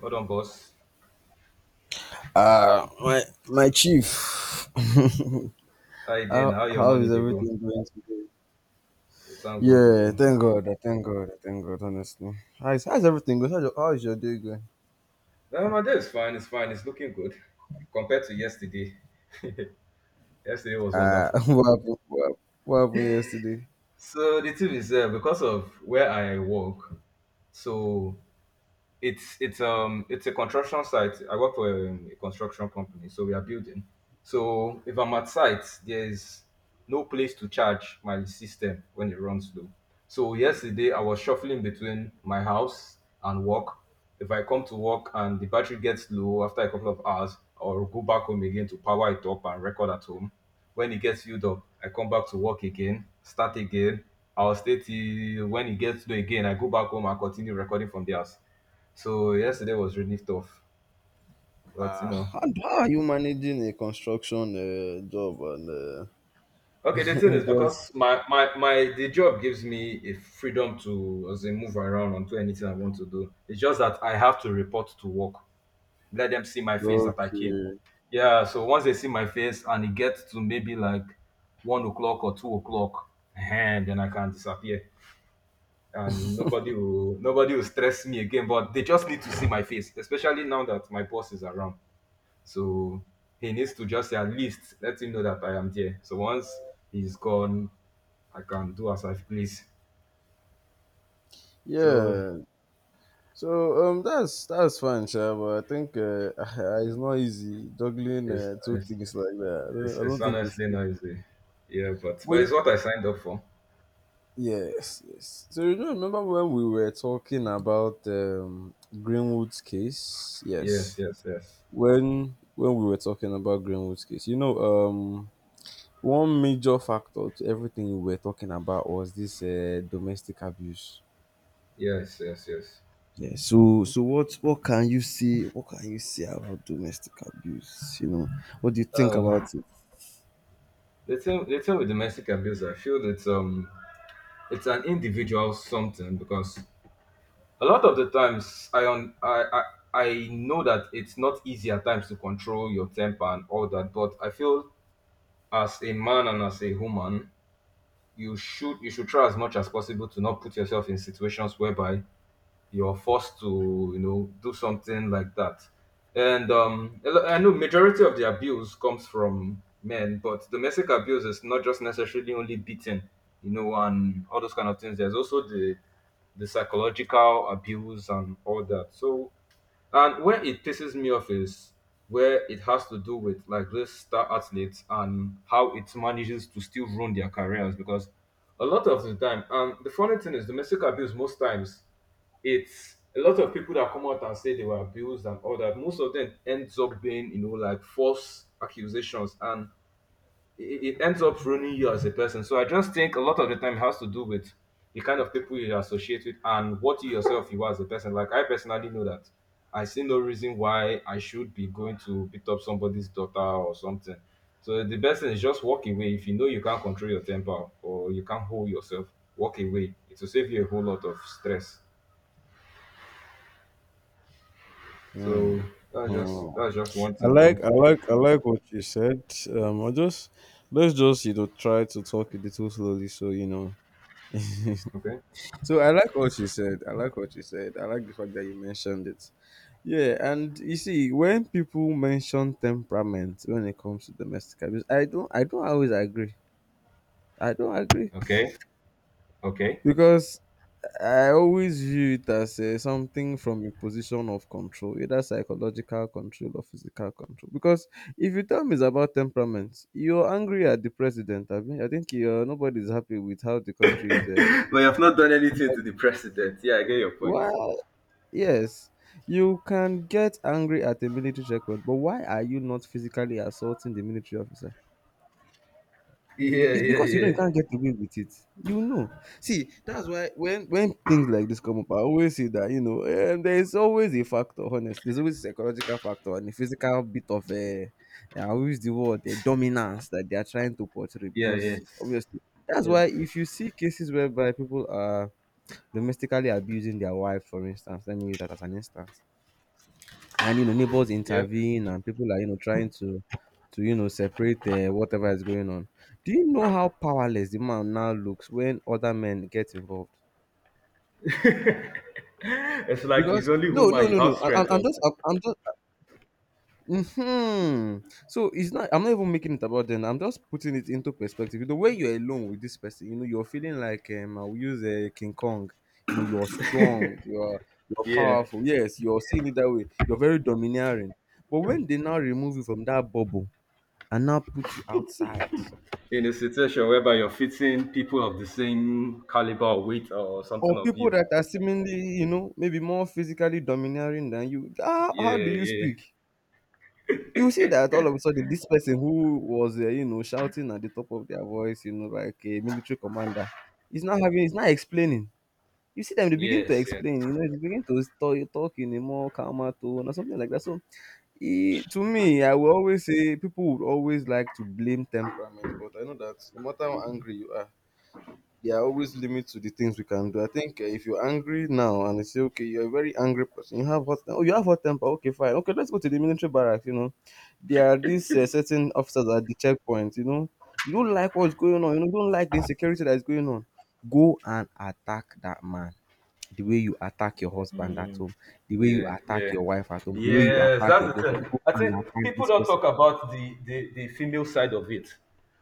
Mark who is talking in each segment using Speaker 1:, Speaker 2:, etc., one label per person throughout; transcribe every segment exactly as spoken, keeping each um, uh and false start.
Speaker 1: Hold on, boss.
Speaker 2: Uh, my my chief.
Speaker 1: How you doing?
Speaker 2: how
Speaker 1: How your
Speaker 2: how
Speaker 1: money
Speaker 2: is
Speaker 1: dey go?
Speaker 2: everything going today?
Speaker 1: We thank God.
Speaker 2: Yeah,
Speaker 1: Oh.
Speaker 2: thank God. I thank God. I thank God. Honestly, how is how's everything going? How's your, how's your day going?
Speaker 1: Uh, my day is fine. It's fine. It's looking good compared to yesterday. Yesterday was
Speaker 2: Uh,
Speaker 1: wonderful.
Speaker 2: what happened? What, hap- what happened yesterday?
Speaker 1: So the thing is, uh, because of where I work, so it's it's um it's a construction site. I work for um, a construction company, so we are building. So if I'm at site, there's no place to charge my system when it runs low. So yesterday I was shuffling between my house and work. If I come to work and the battery gets low after a couple of hours, I'll go back home again to power it up and record at home. When it gets filled up, I come back to work again, start again. I'll stay till when it gets low again. I go back home and continue recording from the house, so yesterday was really tough, but you
Speaker 2: Uh,
Speaker 1: know.
Speaker 2: how, how are you managing a construction uh, job and uh,
Speaker 1: Okay, the thing is
Speaker 2: because
Speaker 1: because my my my the job gives me a freedom to as a move around and do anything I want to do. It's just that I have to report to work. Let them see my face that I came.
Speaker 2: okay,
Speaker 1: Yeah, so once they see my face and it gets to maybe like one o'clock or two o'clock, and then I can disappear. And nobody will nobody will stress me again. But they just need to see my face, especially now that my boss is around. So he needs to just say, at least let him know that I am there. So once he's gone, I can do as I please. So
Speaker 2: yeah. So um, that's that's fine, sure, but I think uh, it's not easy juggling
Speaker 1: it's
Speaker 2: uh, two
Speaker 1: it's,
Speaker 2: things like that. I don't,
Speaker 1: it's,
Speaker 2: I
Speaker 1: it's
Speaker 2: don't think it's.
Speaker 1: honestly noisy. Yeah, but but it's
Speaker 2: Easy.
Speaker 1: what I signed up for.
Speaker 2: Yes, yes. So you don't remember when we were talking about um, Greenwood's case?
Speaker 1: Yes,
Speaker 2: Yes.
Speaker 1: yes, yes.
Speaker 2: When when we were talking about Greenwood's case, you know, um, one major factor to everything we were talking about was this uh, domestic abuse.
Speaker 1: Yes, yes, yes.
Speaker 2: Yeah, so so what what can you say what can you say about domestic abuse? You know, what do you think
Speaker 1: Uh,
Speaker 2: about it?
Speaker 1: the thing, the thing with domestic abuse, I feel that um, it's an individual something because a lot of the times I on I, I I know that it's not easy at times to control your temper and all that, but I feel as a man and as a woman, you should you should try as much as possible to not put yourself in situations whereby you're forced to you know do something like that. And um, a lo- I know majority of the abuse comes from men, but domestic abuse is not just necessarily only beating, you know, and all those kind of things. There's also the the psychological abuse and all that. So and where it pisses me off is where it has to do with like this star athletes and how it manages to still ruin their careers because a lot of the time, and the funny thing is domestic abuse most times, it's a lot of people that come out and say they were abused and all that, most of them ends up being, you know, like false accusations and it, it ends up ruining you as a person. So I just think a lot of the time it has to do with the kind of people you associate with and what you yourself you are as a person. Like I personally know that I see no reason why I should be going to beat up somebody's daughter or something. So the best thing is just walk away. If you know you can't control your temper or you can't hold yourself, walk away. It will save you a whole lot of stress. So
Speaker 2: Mm,
Speaker 1: that's just
Speaker 2: mm.
Speaker 1: that's just one
Speaker 2: I
Speaker 1: thing though.
Speaker 2: like, I like, I like what you said. Um, I just let's just you know try to talk a little slowly, so you know.
Speaker 1: Okay.
Speaker 2: So I like what you said. I like what you said. I like the fact that you mentioned it. Yeah, and you see, when people mention temperament when it comes to domestic abuse, I don't, I don't always agree. I don't agree
Speaker 1: Okay. Okay.
Speaker 2: because I always view it as uh, something from a position of control, either psychological control or physical control. Because if you tell me it's about temperament, you're angry at the president. I mean, I think you're, nobody's happy with how the country is. Uh,
Speaker 1: But you have not done anything to the president. Yeah, I get your point.
Speaker 2: well, yes, you can get angry at a military checkpoint, but why are you not physically assaulting the military officer?
Speaker 1: Yeah,
Speaker 2: It's
Speaker 1: yeah,
Speaker 2: because you know
Speaker 1: yeah,
Speaker 2: you can't get away with it. You know. See, that's why when when things like this come up, I always say that you know um, there is always a factor. Honest, there's always a psychological factor and a physical bit of a I always the word the dominance that they are trying to portray
Speaker 1: yeah,
Speaker 2: because
Speaker 1: yes,
Speaker 2: obviously that's
Speaker 1: yeah,
Speaker 2: why if you see cases whereby people are domestically abusing their wife, for instance, let me use that as an instance and you know neighbors
Speaker 1: yeah.
Speaker 2: intervene and people are you know trying to to you know separate uh, whatever is going on do you know how powerless the man now looks when other men get involved
Speaker 1: It's like it's
Speaker 2: because
Speaker 1: only
Speaker 2: no no
Speaker 1: human you
Speaker 2: no
Speaker 1: have
Speaker 2: no I, I'm,
Speaker 1: strength
Speaker 2: I'm
Speaker 1: on.
Speaker 2: just I'm, I'm just hmm so it's not I'm not even making it about them, I'm just putting it into perspective. You know, when you're alone with this person, you know, you're feeling like um I'll use a uh, King Kong, you know, you're strong, you're you're
Speaker 1: Yeah,
Speaker 2: powerful, yes, you're seeing it that way, you're very domineering, but when they now remove you from that bubble and now put you outside.
Speaker 1: in a situation whereby you're fitting people of the same caliber, or weight, or something
Speaker 2: Or
Speaker 1: of
Speaker 2: people
Speaker 1: you.
Speaker 2: that are seemingly, you know, maybe more physically domineering than you. How,
Speaker 1: Yeah,
Speaker 2: how do you
Speaker 1: yeah,
Speaker 2: speak? You see that all of a sudden, this person who was, uh, you know, shouting at the top of their voice, you know, like a military commander, is not having, is not explaining. You see them, they begin to
Speaker 1: yes, yes.
Speaker 2: explain, you know, they begin to talk, talk in a more calmer tone or something like that. So, e- to me, I will always say people would always like to blame temperament, but I know that no matter how angry you are, there are always limits to the things we can do. I think uh, if you're angry now and they say, okay, you're a very angry person, you have hot temper. Oh, you have hot temper. Okay, fine. Okay, let's go to the military barracks. You know, there are these uh, certain officers at the checkpoint. You know, you don't like what's going on. You, know, you don't like the insecurity that is going on. Go and attack that man. The way you attack your husband at
Speaker 1: Mm.
Speaker 2: home, the way you
Speaker 1: Yeah, yeah.
Speaker 2: attack your wife at home, the way you
Speaker 1: Yes,
Speaker 2: attack
Speaker 1: that's
Speaker 2: your
Speaker 1: the
Speaker 2: girlfriend,
Speaker 1: thing.
Speaker 2: go
Speaker 1: I
Speaker 2: and
Speaker 1: think
Speaker 2: attack
Speaker 1: people
Speaker 2: this
Speaker 1: don't
Speaker 2: person.
Speaker 1: talk about the, the, the female side of it.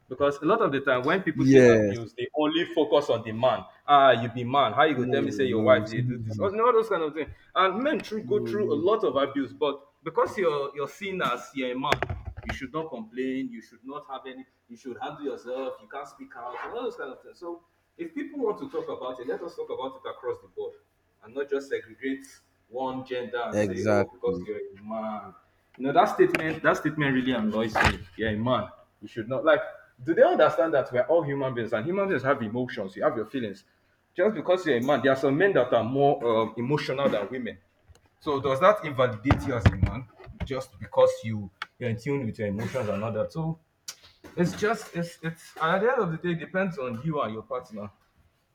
Speaker 1: Because a lot of the time when people say
Speaker 2: Yes.
Speaker 1: abuse, they only focus on the man. Ah, you be man. How you go
Speaker 2: No,
Speaker 1: tell me say
Speaker 2: no,
Speaker 1: your wife they do this?
Speaker 2: no,
Speaker 1: Or no, those kind of things. And men through go
Speaker 2: no.
Speaker 1: through a
Speaker 2: no.
Speaker 1: lot of abuse, but because you're you're seen as you're a man, you should not complain, you should not have any you should handle yourself, you can't speak out, and all those kind of things. So if people want to talk about it, let us talk about it across the board and not just segregate one gender and say, "Oh, because
Speaker 2: Exactly.
Speaker 1: you're a man." You know that statement. That statement really annoys me. You're a man. You should not like. Do they understand that we're all human beings and human beings have emotions? You have your feelings. Just because you're a man, there are some men that are more um, emotional than women. So does that invalidate you as a man just because you you're in tune with your emotions and all that? So it's just it's it's and at the end of the day it depends on you and your partner,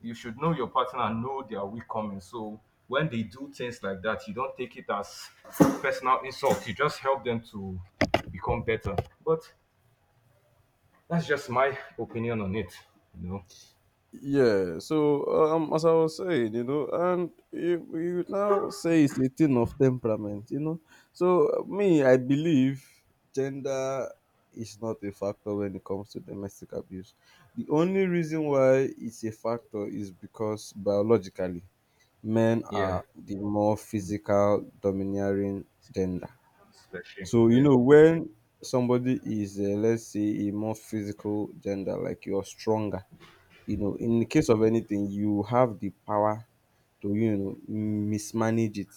Speaker 1: you should know your partner and know their weak coming. So when they do things like that, you don't take it as personal insult. You just help them to become better. But that's just my opinion on it. You know?
Speaker 2: Yeah, so uh, um, as I was saying, you know, and you, you now say it's a thing of temperament, you know. So uh, me, I believe gender is not a factor when it comes to domestic abuse. The only reason why it's a factor is because biologically, men
Speaker 1: Yeah.
Speaker 2: are the more physical, domineering gender.
Speaker 1: Especially.
Speaker 2: So you
Speaker 1: Yeah.
Speaker 2: know when somebody is, uh, let's say, a more physical gender, like you're stronger, you know, in the case of anything, you have the power to, you know, mismanage it.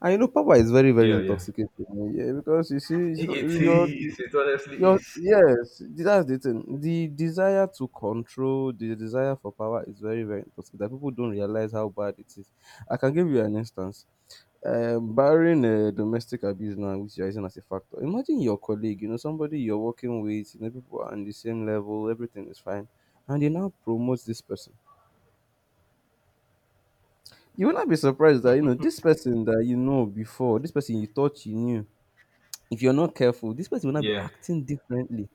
Speaker 2: And you know, power is very, very
Speaker 1: Yeah. Yeah.
Speaker 2: intoxicating. Yeah, because you see, it's
Speaker 1: It
Speaker 2: not, your,
Speaker 1: is. It honestly
Speaker 2: your,
Speaker 1: is.
Speaker 2: yes, that's the thing. The desire to control, the desire for power is very, very intoxicating. That people don't realize how bad it is. I can give you an instance. Um, barring uh, domestic abuse now, which you're using as a factor, imagine your colleague, you know, somebody you're working with, you know, people are on the same level, everything is fine, and they now promote this person. You will not be surprised that you know this person that you know before, this person you thought you knew. If you're not careful, this person will not be
Speaker 1: Yeah.
Speaker 2: acting differently.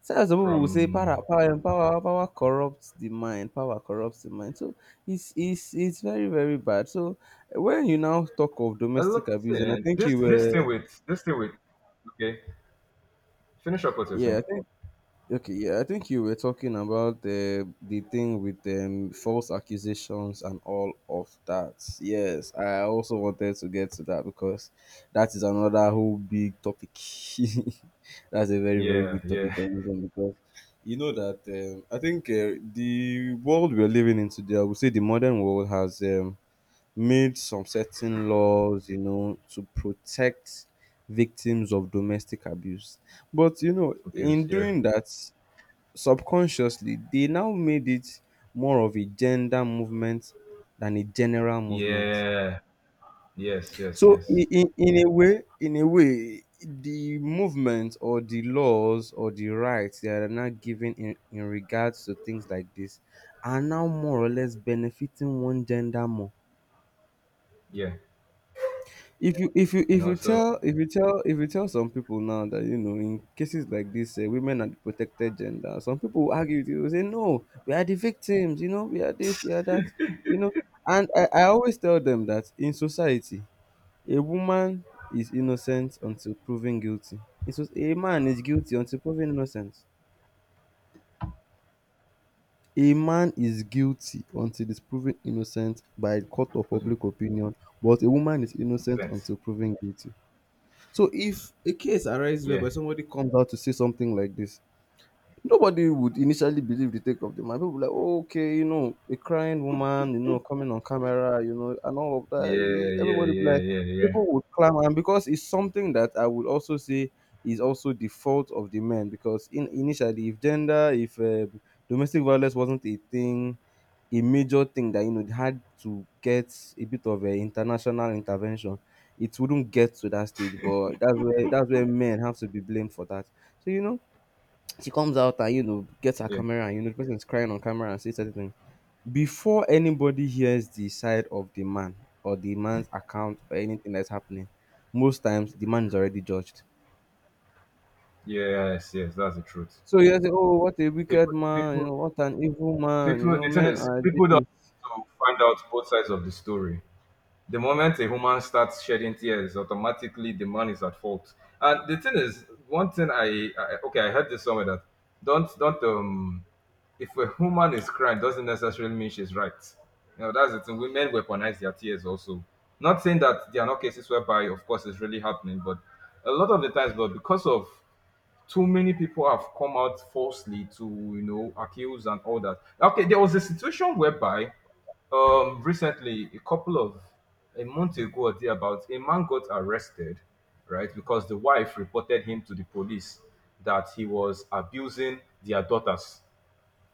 Speaker 2: So as some people will say,
Speaker 1: From
Speaker 2: power, power, power, power corrupts the mind. Power corrupts the mind. So it's it's it's very very bad. So when you now talk of
Speaker 1: a lot.
Speaker 2: domestic abuse, and I think
Speaker 1: This
Speaker 2: you
Speaker 1: this thing
Speaker 2: were,
Speaker 1: with this thing with okay. Finish up what you're
Speaker 2: yeah,
Speaker 1: saying.
Speaker 2: I think okay, yeah, I think you were talking about the the thing with um, false accusations and all of that. Yes, I also wanted to get to that because that is another whole big topic. That's a very, very
Speaker 1: Yeah,
Speaker 2: big topic
Speaker 1: yeah.
Speaker 2: on this one because you know that um, I think uh, the world we're living in today, I would say the modern world has um, made some certain laws, you know, to protect victims of domestic abuse. But you know,
Speaker 1: Abuse,
Speaker 2: in
Speaker 1: yeah.
Speaker 2: doing that, subconsciously they now made it more of a gender movement than a general movement.
Speaker 1: Yeah. Yes, yes,
Speaker 2: So in,
Speaker 1: yes.
Speaker 2: in, in a way, in a way, the movement or the laws or the rights that are now given in, in regards to things like this are now more or less benefiting one gender more.
Speaker 1: Yeah.
Speaker 2: If you if you if
Speaker 1: No,
Speaker 2: you
Speaker 1: so
Speaker 2: tell if you tell if you tell some people now that you know in cases like this uh, women are the protected gender, some people will argue with you. They will say no, we are the victims, you know, we are this, we are that, you know. And I, I always tell them that in society a woman is innocent until proven guilty. It's just, a man is guilty until proven innocent. A man is guilty until is proven innocent by court of
Speaker 1: doesn't make
Speaker 2: public opinion, but a woman is innocent
Speaker 1: sense.
Speaker 2: until proven guilty. So if a case arises
Speaker 1: Yeah.
Speaker 2: whereby somebody comes out to say something like this, nobody would initially believe the take of the man. People were like, oh, okay, you know, a crying woman, you know, coming on camera, you know, and all of that. Eh,
Speaker 1: Yeah, yeah,
Speaker 2: everybody be
Speaker 1: yeah,
Speaker 2: like,
Speaker 1: yeah, yeah,
Speaker 2: people would clamor. And because it's something that I would also say is also the fault of the men. Because in initially, if gender, if uh, domestic violence wasn't a thing, a major thing that, you know, had to get a bit of an international intervention, it wouldn't get to that stage. But that's where, that's where men have to be blamed for that. So, you know, she comes out and you know gets her
Speaker 1: yeah.
Speaker 2: camera and you know the person is crying on camera and says certain things before anybody hears the side of the man or the man's account or anything that's happening. Most times the man is already judged.
Speaker 1: Yes, yes, that's the truth.
Speaker 2: So you say oh what a wicked
Speaker 1: People,
Speaker 2: man, you
Speaker 1: people,
Speaker 2: know, what an evil man, you
Speaker 1: people.
Speaker 2: know,
Speaker 1: The thing
Speaker 2: men
Speaker 1: is,
Speaker 2: are
Speaker 1: people don't
Speaker 2: this.
Speaker 1: want to find out both sides of the story. The moment a woman starts shedding tears, automatically the man is at fault. And the thing is, one thing I, I okay, I heard this somewhere that don't don't um if a woman is crying doesn't necessarily mean she's right. You know, that's the thing. Women weaponize their tears also. Not saying that there are not cases whereby, of course, it's really happening, but a lot of the times, but because of too many people have come out falsely to, you know, accuse and all that. Okay, there was a situation whereby um recently a couple of a month ago or thereabouts a man got arrested, right, because the wife reported him to the police that he was abusing their daughters.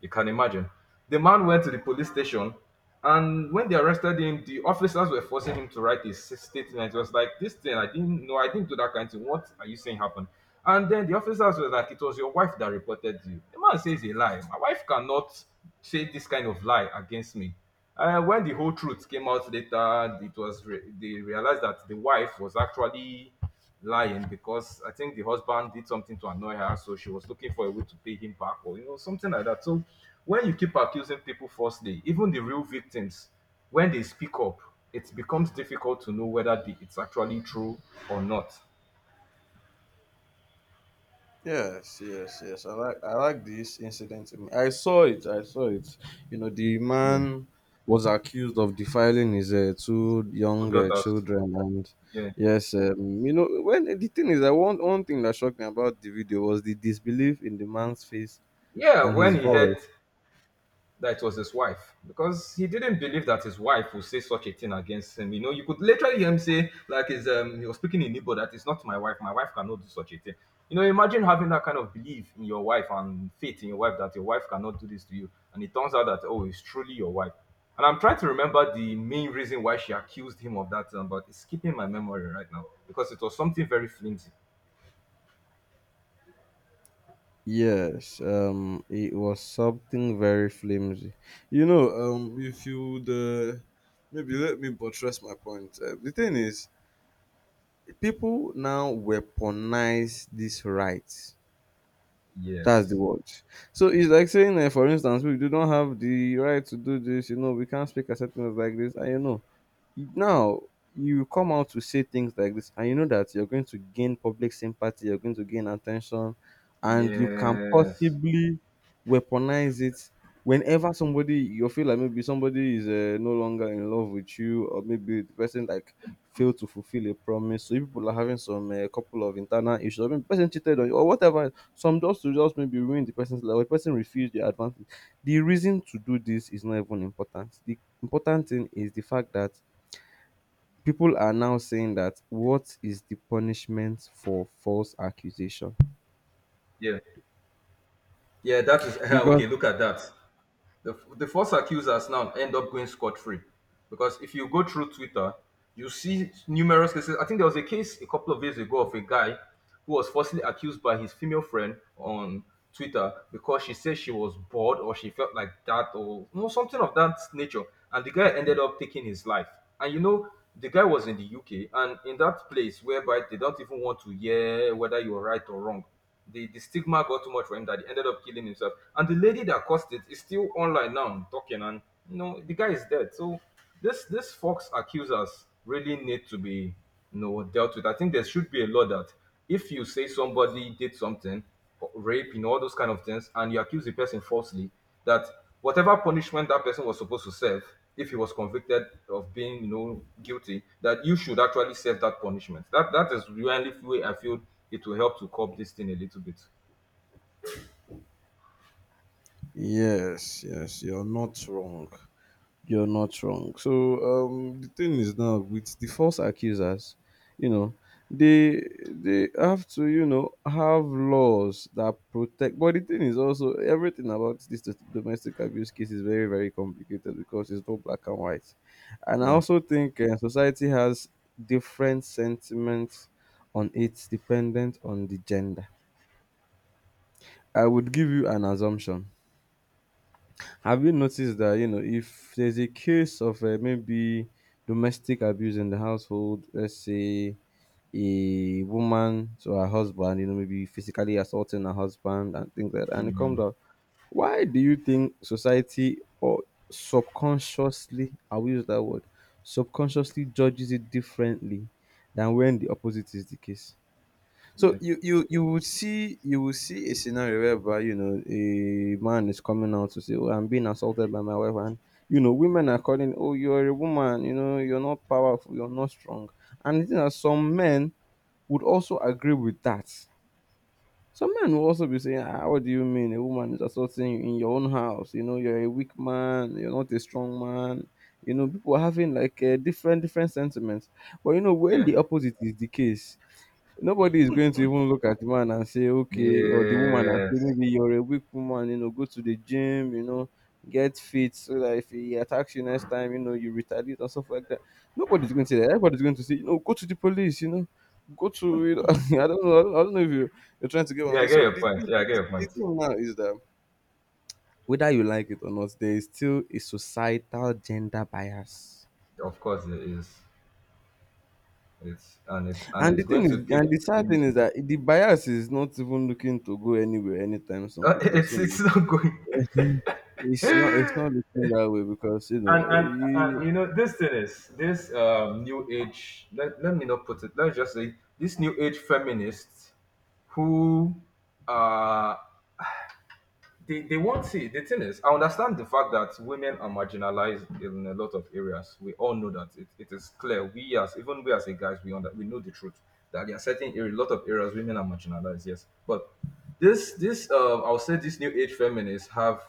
Speaker 1: You can imagine. The man went to the police station, and when they arrested him, the officers were forcing him to write a s- statement. It was like, "This thing, I didn't know, I didn't do that kind of thing. What are you saying happened?" And then the officers were like, "It was your wife that reported you." The man says a lie. My wife cannot say this kind of lie against me. Uh, when the whole truth came out later, it was re- they realized that the wife was actually lying because I think the husband did something to annoy her, so she was looking for a way to pay him back or you know something like that. So when you keep accusing people falsely, even the real victims, when they speak up, it becomes difficult to know whether the, it's actually true or not.
Speaker 2: Yes, yes, yes. I like I like this incident. In- I saw it. I saw it. You know, the
Speaker 1: Yeah,
Speaker 2: man was accused of defiling his uh, two
Speaker 1: two
Speaker 2: young uh,
Speaker 1: daughters.
Speaker 2: children, and
Speaker 1: Yeah,
Speaker 2: yes, um, you know, when the thing is, I want one one thing that shocked me about the video was the disbelief in the man's face
Speaker 1: yeah.
Speaker 2: and
Speaker 1: When
Speaker 2: his
Speaker 1: he heard
Speaker 2: voice.
Speaker 1: that it was his wife because he didn't believe that his wife would say such a thing against him. You know, you could literally hear him say, like, his, um, he was speaking in Igbo, that it's not my wife, my wife cannot do such a thing. You know, imagine having that kind of belief in your wife and faith in your wife that your wife cannot do this to you. And it turns out that, oh, it's truly your wife. And I'm trying to remember the main reason why she accused him of that, um, but it's skipping my memory right now because it was something very flimsy.
Speaker 2: Yes, um, it was something very flimsy. You know, um, if you the maybe let me buttress my point. Uh, the thing is, people now weaponize this right. That's the
Speaker 1: Yes.
Speaker 2: word. So it's like saying, uh, for instance, we do not have the right to do this. You know, we can't speak at certain things like this. And you know, now you come out to say things like this and you know that you're going to gain public sympathy, you're going to gain attention, and you can
Speaker 1: Yes.
Speaker 2: possibly weaponize it whenever somebody, you feel like maybe somebody is uh, no longer in love with you, or maybe the person like failed to fulfill a promise. So if people are having some uh, couple of internal issues, or maybe the person cheated on you or whatever, some just to just maybe ruin the person's life, or the person refused your advances. The reason to do this is not even important. The important thing is the fact that people are now saying that what is the punishment for false accusation?
Speaker 1: Yeah. Yeah, that is
Speaker 2: Because
Speaker 1: okay. Look at that. the, the false accusers now end up going scot-free because if you go through Twitter you see numerous cases. I think there was a case a couple of years ago of a guy who was falsely accused by his female friend on Twitter because she said she was bored or she felt like that or you know, something of that nature, and the guy ended up taking his life. And you know the guy was in the U K and in that place whereby they don't even want to hear whether you're right or wrong, the, the stigma got too much for him that he ended up killing himself. And the lady that caused it is still online now talking, and you know the guy is dead. So this this Fox accusers really need to be you know dealt with. I think there should be a law that if you say somebody did something, rape, you know, all those kind of things, and you accuse the person falsely, that whatever punishment that person was supposed to serve, if he was convicted of being, you know, guilty, that you should actually serve that punishment. That that is really the way I feel it will help to curb this thing a little bit.
Speaker 2: yes, yes, you're not wrong. You're not wrong. So um, the thing is, now with the false accusers, you know, they they have to, you know, have laws that protect. But the thing is, also, everything about this do- domestic abuse case is very, very complicated because it's not black and white, and I
Speaker 1: Yeah,
Speaker 2: also think uh, society has different sentiments on it, dependent on the gender. I would give you an assumption. Have you noticed that, you know, if there's a case of uh, maybe domestic abuse in the household, let's say a woman to her husband, you know, maybe physically assaulting her husband and things like that, and it comes out. Why do you think society, or subconsciously, I'll use that word, subconsciously judges it differently than when the opposite is the case? So
Speaker 1: yeah,
Speaker 2: you you you would see, you will see a scenario whereby, you know, a man is coming out to say, "Oh, I'm being assaulted by my wife," and you know women are calling, "Oh, you're a woman. You know you're not powerful. You're not strong." And the thing is, some men would also agree with that. Some men will also be saying, "Ah, what do you mean a woman is assaulting you in your own house? You know you're a weak man. You're not a strong man." You know people are having like uh, different different sentiments, but you know, when
Speaker 1: yeah,
Speaker 2: the opposite is the case, nobody is going to even look at the man and say, okay, or the woman and say,
Speaker 1: yes,
Speaker 2: maybe you're a weak woman, you know, go to the gym, you know, get fit so that if he attacks you next time, you know, you retaliate and stuff like that. Nobody's going to say that. Everybody's going to say, you know, go to the police, you know, go to, you know, I don't know, I don't, I don't know if you, you're trying to get what I'm
Speaker 1: yeah. I
Speaker 2: saying.
Speaker 1: get
Speaker 2: So
Speaker 1: your
Speaker 2: the
Speaker 1: point.
Speaker 2: thing,
Speaker 1: Yeah, I get
Speaker 2: the,
Speaker 1: your
Speaker 2: the
Speaker 1: point.
Speaker 2: thing now is that, whether you like it or not, there is still a societal gender bias.
Speaker 1: Of course, it is. It's and it's and
Speaker 2: And
Speaker 1: it's
Speaker 2: the thing
Speaker 1: going to
Speaker 2: is,
Speaker 1: keep
Speaker 2: and the sad thing
Speaker 1: continuing.
Speaker 2: is that the bias is not even looking to go anywhere anytime soon, because
Speaker 1: It's
Speaker 2: you know
Speaker 1: it's not going.
Speaker 2: it's not it's not looking that way, because you know,
Speaker 1: and
Speaker 2: eh,
Speaker 1: and and
Speaker 2: you.
Speaker 1: you know this thing is this um New age, let, let me not put it, let's just say this new age feminists who uh they, they won't see. The thing is, I understand the fact that women are marginalized in a lot of areas. We all know that. It, it is clear. We as even we as a guys, we under, we know the truth that there are certain area, a lot of areas women are marginalized, yes. But this this uh, I'll say these new age feminists have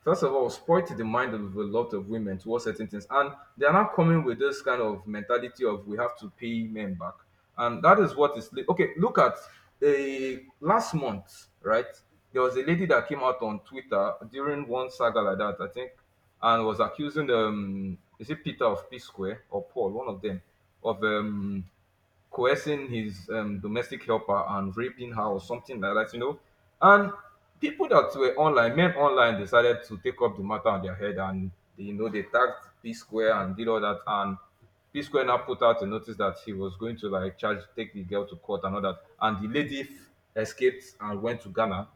Speaker 1: first of all spoiled the mind of a lot of women towards certain things, and they are not coming with this kind of mentality of we have to pay men back, and that is what is okay. Look at a last month, right? There was a lady that came out on Twitter during one saga like that, I think, and was accusing um is it Peter of P Square or Paul, one of them, of um coercing his um, domestic helper and raping her or something like that, you know. And people that were online, men online, decided to take up the matter on their head, and they, you know, they tagged P Square and did all that. And P Square now put out a notice that he was going to like charge, take the girl to court and all that. And the lady f- escaped and went to Ghana.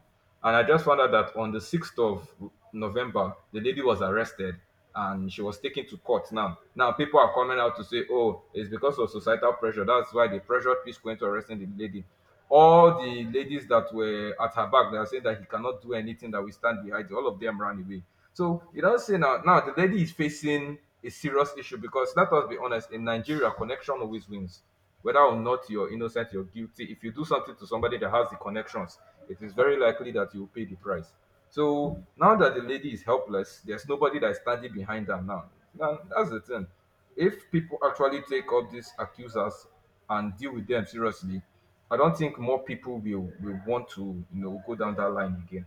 Speaker 1: And I just found out that on the sixth of November, the lady was arrested and she was taken to court now. Now, people are coming out to say, oh, it's because of societal pressure. That's why they pressured Peace Queen to arresting the lady. All the ladies that were at her back, they are saying that he cannot do anything, that we stand behind you. All of them ran away. So, you don't say now, now the lady is facing a serious issue, because let us be honest, in Nigeria, connection always wins. Whether or not you're innocent, you're guilty. If you do something to somebody that has the connections, it is very likely that you will pay the price. So now that the lady is helpless, there's nobody that is standing behind them now. Now that's the thing. If people actually take up these accusers and deal with them seriously, I don't think more people will, will want to, you know, go down that line again.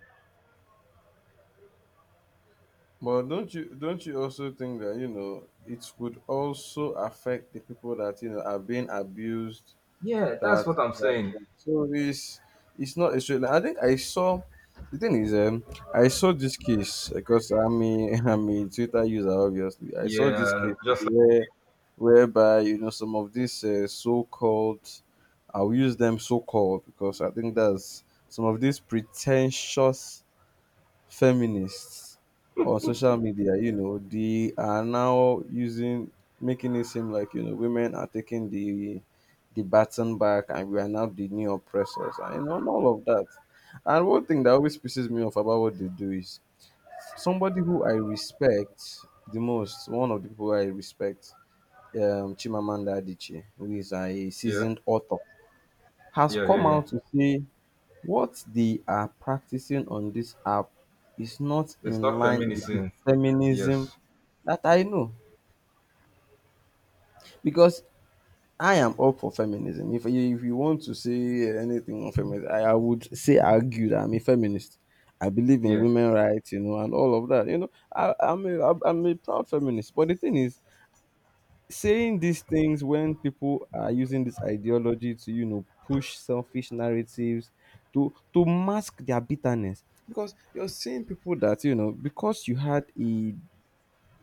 Speaker 2: But don't you don't you also think that, you know, it would also affect the people that, you know, are being abused?
Speaker 1: Yeah, that's
Speaker 2: That,
Speaker 1: what I'm
Speaker 2: that
Speaker 1: saying.
Speaker 2: so it's it's not a straight line. I think I saw, the thing is, um I saw this case, because I'm a I'm a Twitter user obviously. I saw this
Speaker 1: Yeah,
Speaker 2: case
Speaker 1: just like
Speaker 2: where whereby, you know, some of these uh, so-called, I'll use them so-called because I think that's some of these pretentious feminists on social media, you know, they are now using, making it seem like, you know, women are taking the the baton back, and we are now the new oppressors, and you know, and all of that. And one thing that always pisses me off about what they do is somebody who I respect the most, one of the people I respect, um, Chimamanda Adichie, who is a
Speaker 1: yeah,
Speaker 2: seasoned author, has
Speaker 1: yeah, yeah,
Speaker 2: come
Speaker 1: yeah.
Speaker 2: out to say what they are practicing on this app is not
Speaker 1: It's
Speaker 2: in
Speaker 1: not
Speaker 2: line with the
Speaker 1: feminism.
Speaker 2: feminism
Speaker 1: Yes.
Speaker 2: that I know. Because I am up for feminism. If you, if you want to say anything on feminism, I, I would say argue that I'm a feminist. I believe in
Speaker 1: Yeah.
Speaker 2: women rights, you know, and all of that. You know, I, I'm a I'm a proud feminist. But the thing is, saying these things when people are using this ideology to, you know, push selfish narratives, to to mask their bitterness, because you're seeing people that, you know, because you had a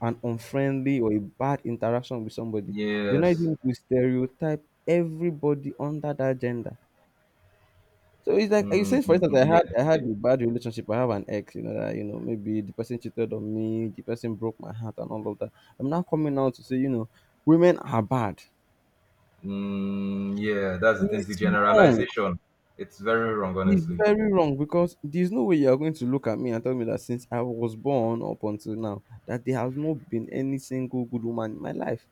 Speaker 2: an unfriendly or a bad interaction with somebody, you're not
Speaker 1: Yes.
Speaker 2: able to stereotype everybody under that gender. So it's like you
Speaker 1: Mm,
Speaker 2: say, for
Speaker 1: mm,
Speaker 2: instance,
Speaker 1: mm,
Speaker 2: i had
Speaker 1: yeah,
Speaker 2: I had a
Speaker 1: it-
Speaker 2: bad relationship, I have an ex, you know, that, you know, maybe the person cheated on me, the person broke my heart, and all of that, I'm now coming out to say, you know, women are bad.
Speaker 1: mm, yeah, that's the thing. The
Speaker 2: It's wrong.
Speaker 1: generalization, it's very wrong,
Speaker 2: It's
Speaker 1: honestly.
Speaker 2: very wrong, because there's no way you are going to look at me and tell me that since I was born up until now that there has not been any single good woman in my life.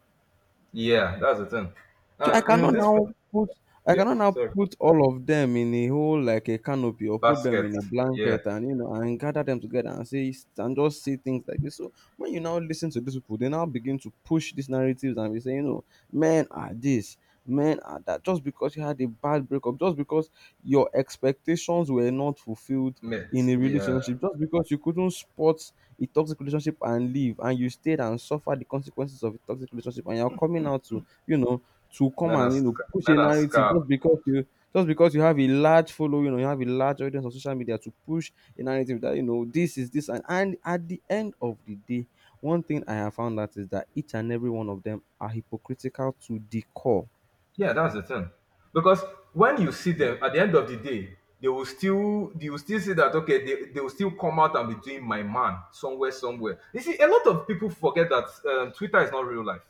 Speaker 1: Yeah, that's the thing.
Speaker 2: So I
Speaker 1: And you know
Speaker 2: cannot
Speaker 1: this.
Speaker 2: now put I
Speaker 1: Yeah,
Speaker 2: cannot now
Speaker 1: sorry.
Speaker 2: put all of them in a whole, like a canopy, or put them
Speaker 1: Basket.
Speaker 2: in a
Speaker 1: Yeah,
Speaker 2: blanket and, you know, and gather them together and say, and just say things like this. So when you now listen to these people, they now begin to push these narratives and be saying, you know, men are this, men are that. Just because you had a bad breakup, just because your expectations were not fulfilled
Speaker 1: mitt.
Speaker 2: in a
Speaker 1: Yeah,
Speaker 2: relationship, just because you couldn't spot a toxic relationship and leave, and you stayed and suffered the consequences of a toxic relationship, and you're coming out to, you know, to come
Speaker 1: men are
Speaker 2: and, you know,
Speaker 1: sc-
Speaker 2: push
Speaker 1: men
Speaker 2: a
Speaker 1: are
Speaker 2: narrative,
Speaker 1: scarf.
Speaker 2: just because you just because you have a large following, or you have a large audience on social media to push a narrative that, you know, this is this, and, and at the end of the day, one thing I have found out is that each and every one of them are hypocritical to the core.
Speaker 1: Yeah, that's the thing. Because when you see them at the end of the day, they will still they will still say that okay, they, they will still come out and be doing my man somewhere, somewhere. You see, a lot of people forget that um, Twitter is not real life.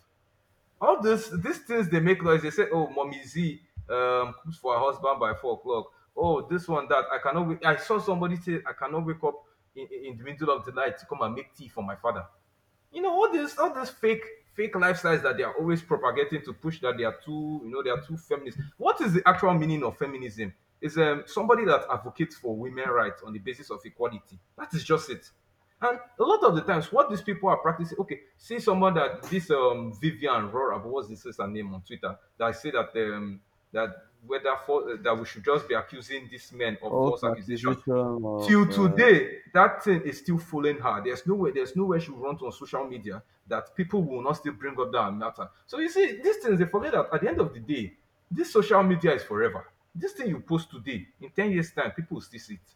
Speaker 1: All this these things, they make noise. They say, "Oh, mommy Z um, cooks for her husband by four o'clock." Oh, this one that I cannot. Wait. I saw somebody say, "I cannot wake up in, in in the middle of the night to come and make tea for my father." You know, all this all this fake fake lifestyles that they are always propagating to push that they are too, you know they are too feminist. What is the actual meaning of feminism? Is um, somebody that advocates for women rights on the basis of equality. That is just it. And a lot of the times what these people are practicing, okay, see someone that this um Vivian Rora, what's this is her name on Twitter, that say that um that whether for that we should just be accusing these men of
Speaker 2: False
Speaker 1: false accusation.
Speaker 2: accusation of
Speaker 1: Till
Speaker 2: uh,
Speaker 1: today that thing is still fooling her. There's no way there's no way she will run to on social media that people will not still bring up that matter. So you see, these things, they forget that at the end of the day this social media is forever. This thing you post today, in ten years time people will still see it.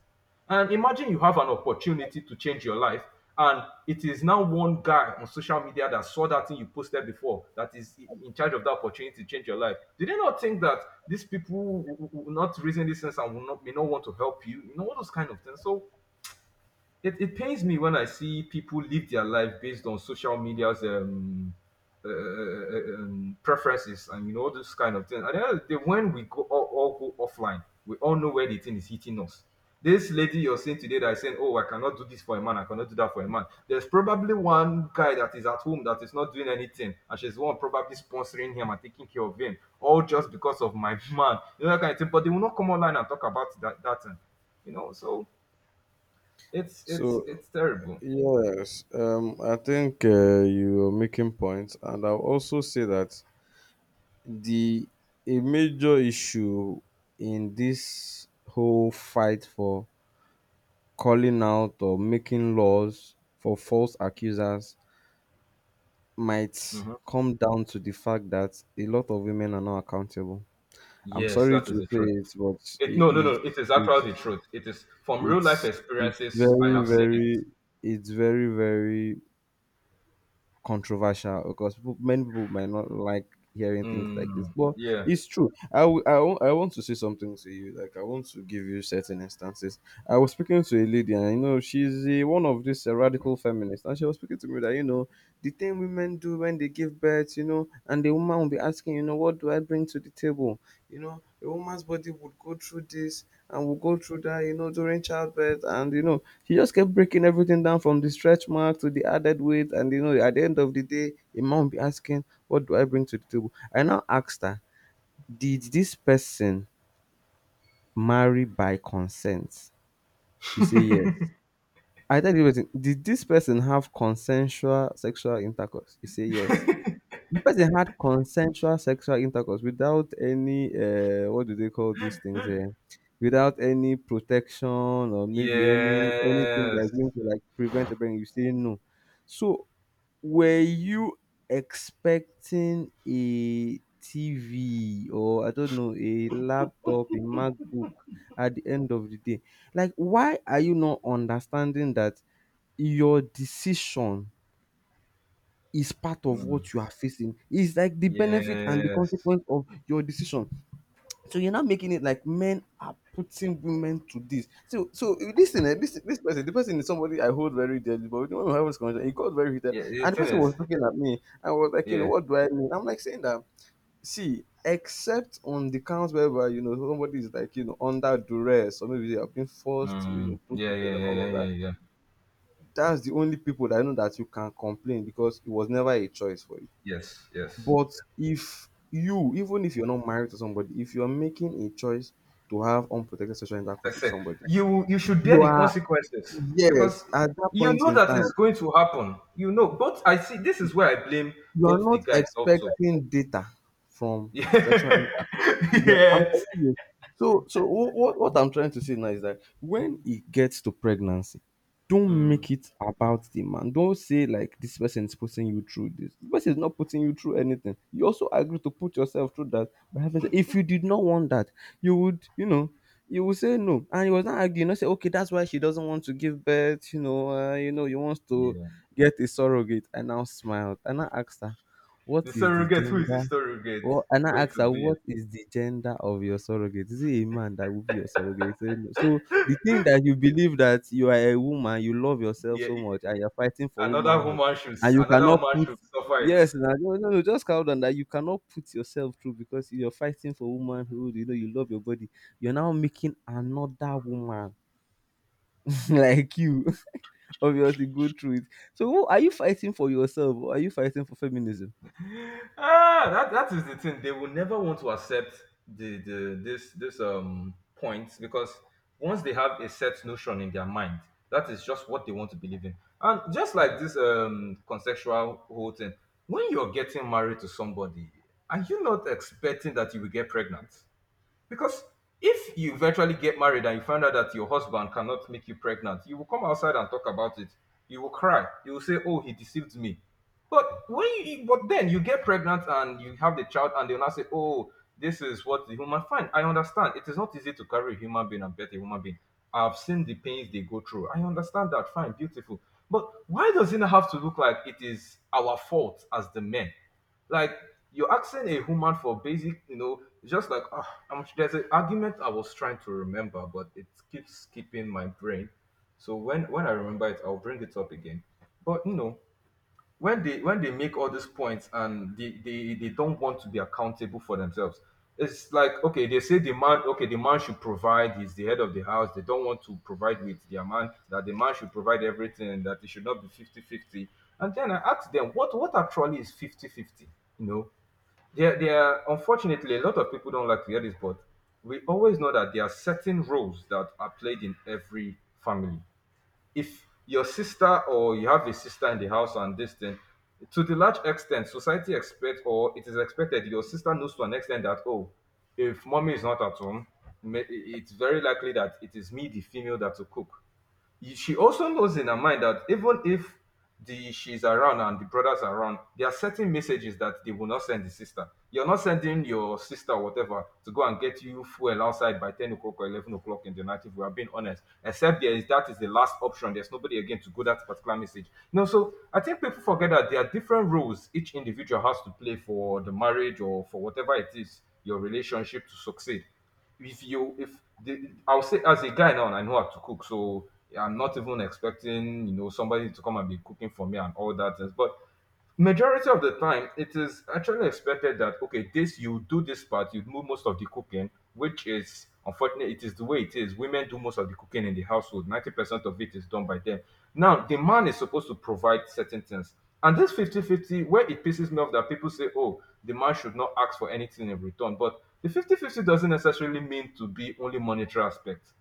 Speaker 1: And imagine you have an opportunity to change your life, and it is now one guy on social media that saw that thing you posted before that is in charge of that opportunity to change your life. Do they not think that these people will not reason these things and will not, may not want to help you? You know, all those kind of things. So it, it pains me when I see people live their life based on social media's um, uh, uh, uh, uh, um, preferences and you know all those kind of things. At the end of the day, when we go all, all go offline, we all know where the thing is hitting us. This lady you're seeing today that is saying, "Oh, I cannot do this for a man. I cannot do that for a man." There's probably one guy that is at home that is not doing anything, and she's the one probably sponsoring him and taking care of him, all just because of my man. You know that kind of thing. But they will not come online and talk about that that thing. You know, so it's it's
Speaker 2: so
Speaker 1: it's terrible.
Speaker 2: yes, um, I think uh, you are making points, and I'll also say that the a major issue in this whole fight for calling out or making laws for false accusers might
Speaker 1: Hmm.
Speaker 2: come down to the fact that a lot of women are not accountable. I'm
Speaker 1: Yes,
Speaker 2: sorry
Speaker 1: that is
Speaker 2: to
Speaker 1: the
Speaker 2: say
Speaker 1: truth.
Speaker 2: it, but
Speaker 1: It,
Speaker 2: it,
Speaker 1: no, no, no.
Speaker 2: it,
Speaker 1: It is actually the
Speaker 2: it's
Speaker 1: truth. It is from real life
Speaker 2: it's it's
Speaker 1: experiences. I
Speaker 2: very,
Speaker 1: have seen it.
Speaker 2: very, it's very very controversial, because people, many people might not like hearing things like this,
Speaker 1: Mm,
Speaker 2: but
Speaker 1: yeah.
Speaker 2: it's true. I w- I wa- I want to say something to you. Like, I want to give you certain instances. I was speaking to a lady, and you know she's a, one of these uh, radical feminists, and she was speaking to me that, you know, the thing women do when they give birth, you know, and the woman will be asking, you know, what do I bring to the table? You know, a woman's body would go through this, and would go through that, you know, during childbirth, and you know, she just kept breaking everything down, from the stretch mark to the added weight, and you know, at the end of the day a man will be asking, what do I bring to the table? I now asked her, did this person marry by consent? You say yes. I tell you person, did this person have consensual sexual intercourse? You say yes. The person had consensual sexual intercourse without any uh, what do they call these things? Uh, without any protection, or maybe any anything
Speaker 1: Yes.
Speaker 2: that's going to like prevent a brain. You say no. So, were you expecting a T V, or I don't know, a laptop, a MacBook at the end of the day? Like, why are you not understanding that your decision is part of
Speaker 1: Mm,
Speaker 2: what you are facing? It's like the benefit and the
Speaker 1: yes.
Speaker 2: consequence of your decision. So you're not making it like men are putting women to this. So so listen, eh, this this person, the person is somebody I hold very dearly, but when we have this conversation, he got very heated.
Speaker 1: Yeah. The
Speaker 2: And the
Speaker 1: thing
Speaker 2: person
Speaker 1: is,
Speaker 2: was looking at me and was like, you know,
Speaker 1: yeah.
Speaker 2: what do I mean? I'm like saying that, see, except on the counts whereby, you know, somebody is like, you know, under duress, or maybe they have been forced to, you
Speaker 1: Mm,
Speaker 2: know, put
Speaker 1: yeah.
Speaker 2: to bed
Speaker 1: Yeah.
Speaker 2: and
Speaker 1: Yeah.
Speaker 2: all
Speaker 1: Yeah.
Speaker 2: of
Speaker 1: Yeah.
Speaker 2: that.
Speaker 1: Yeah.
Speaker 2: That's the only people that I know that you can complain, because it was never a choice for you.
Speaker 1: Yes. Yes.
Speaker 2: But if you, even if you're not married to somebody, if you're making a choice to have unprotected sexual intercourse
Speaker 1: That's
Speaker 2: with
Speaker 1: it.
Speaker 2: somebody,
Speaker 1: You you should bear
Speaker 2: you
Speaker 1: the
Speaker 2: are,
Speaker 1: consequences because
Speaker 2: yes, at that
Speaker 1: you
Speaker 2: point
Speaker 1: know
Speaker 2: in
Speaker 1: that it's
Speaker 2: time,
Speaker 1: going to happen. You know, but I see this is where I blame
Speaker 2: you are
Speaker 1: both the
Speaker 2: not
Speaker 1: guys also.
Speaker 2: expecting data from sexual
Speaker 1: Yeah.
Speaker 2: intercourse. Well, I'm
Speaker 1: Yes.
Speaker 2: telling you. So, so what, what I'm trying to say now is that when it gets to pregnancy, don't
Speaker 1: Mm.
Speaker 2: make it about the man. Don't say like this person is putting you through this. The person is not putting you through anything. You also agree to put yourself through that. But having said- if you did not want that, you would, you know, you would say no. And he was not arguing. Not say okay, that's why she doesn't want to give birth. You know, uh, you know, you wants to
Speaker 1: Yeah.
Speaker 2: get a surrogate. I now smiled. I now asked her, What
Speaker 1: The
Speaker 2: is the
Speaker 1: surrogate. Who is the
Speaker 2: gender?
Speaker 1: surrogate
Speaker 2: Well, and I
Speaker 1: going
Speaker 2: asked
Speaker 1: to
Speaker 2: her, What
Speaker 1: be?
Speaker 2: is the gender of your surrogate? Is it a man that will be your surrogate? She said, "No." So the thing that you believe that you are a woman, you love yourself
Speaker 1: Yeah.
Speaker 2: so much, and you're fighting for
Speaker 1: Another
Speaker 2: womanhood,
Speaker 1: woman should.
Speaker 2: and you
Speaker 1: Another
Speaker 2: cannot
Speaker 1: woman
Speaker 2: put.
Speaker 1: should suffer it.
Speaker 2: Yes, na- no, no, no, just calm down. That you cannot put yourself through because you're fighting for womanhood. You know you love your body. You're now making another woman like you obviously go through it. So who are you fighting for, yourself, or are you fighting for feminism?
Speaker 1: Ah, that that is the thing. They will never want to accept the the this this um point, because once they have a set notion in their mind, that is just what they want to believe in. And just like this um consensual whole thing, when you're getting married to somebody, are you not expecting that you will get pregnant? Because if you eventually get married and you find out that your husband cannot make you pregnant, you will come outside and talk about it. You will cry. You will say, oh, he deceived me. But when you, but then you get pregnant and you have the child, and they'll now say, "Oh, this is what the human." Fine, I understand. It is not easy to carry a human being and birth a human being. I've seen the pains they go through. I understand that. Fine, beautiful. But why does it not have to look like it is our fault as the men? Like, you're asking a human for basic, you know, just like ah, I'm, there's an argument I was trying to remember, but it keeps skipping my brain. So when when I remember it, I'll bring it up again. But you know, when they when they make all these points and they, they they don't want to be accountable for themselves, it's like okay, they say the man, okay, the man should provide, he's the head of the house. They don't want to provide with their man, that the man should provide everything and that it should not be fifty fifty. And then I ask them, what what actually is fifty fifty? You know, there there are, unfortunately a lot of people don't like to hear this, but we always know that there are certain roles that are played in every family. If your sister, or you have a sister in the house and this thing, to the large extent, society expects, or it is expected your sister knows to an extent that oh, if mommy is not at home, may- it's very likely that it is me, the female, that will cook. Y- she also knows in her mind that even if the she's around and the brothers are around, there are certain messages that they will not send the sister. You're not sending your sister or whatever to go and get you fuel outside by ten o'clock or eleven o'clock in the night if we are being honest. Except there is that is the last option. There's nobody again to go that particular message. No, so I think people forget that there are different roles each individual has to play for the marriage or for whatever it is, your relationship to succeed. If you if the I'll say, as a guy now, I know how to cook, so I'm not even expecting you know somebody to come and be cooking for me and all that things. But majority of the time, it is actually expected that, okay, this you do this part, you do most of the cooking, which is, unfortunately, it is the way it is. Women do most of the cooking in the household. Ninety percent of it is done by them. Now, the man is supposed to provide certain things, and this fifty-fifty, where it pisses me off that people say, oh, the man should not ask for anything in return, but the fifty fifty doesn't necessarily mean to be only monetary aspect.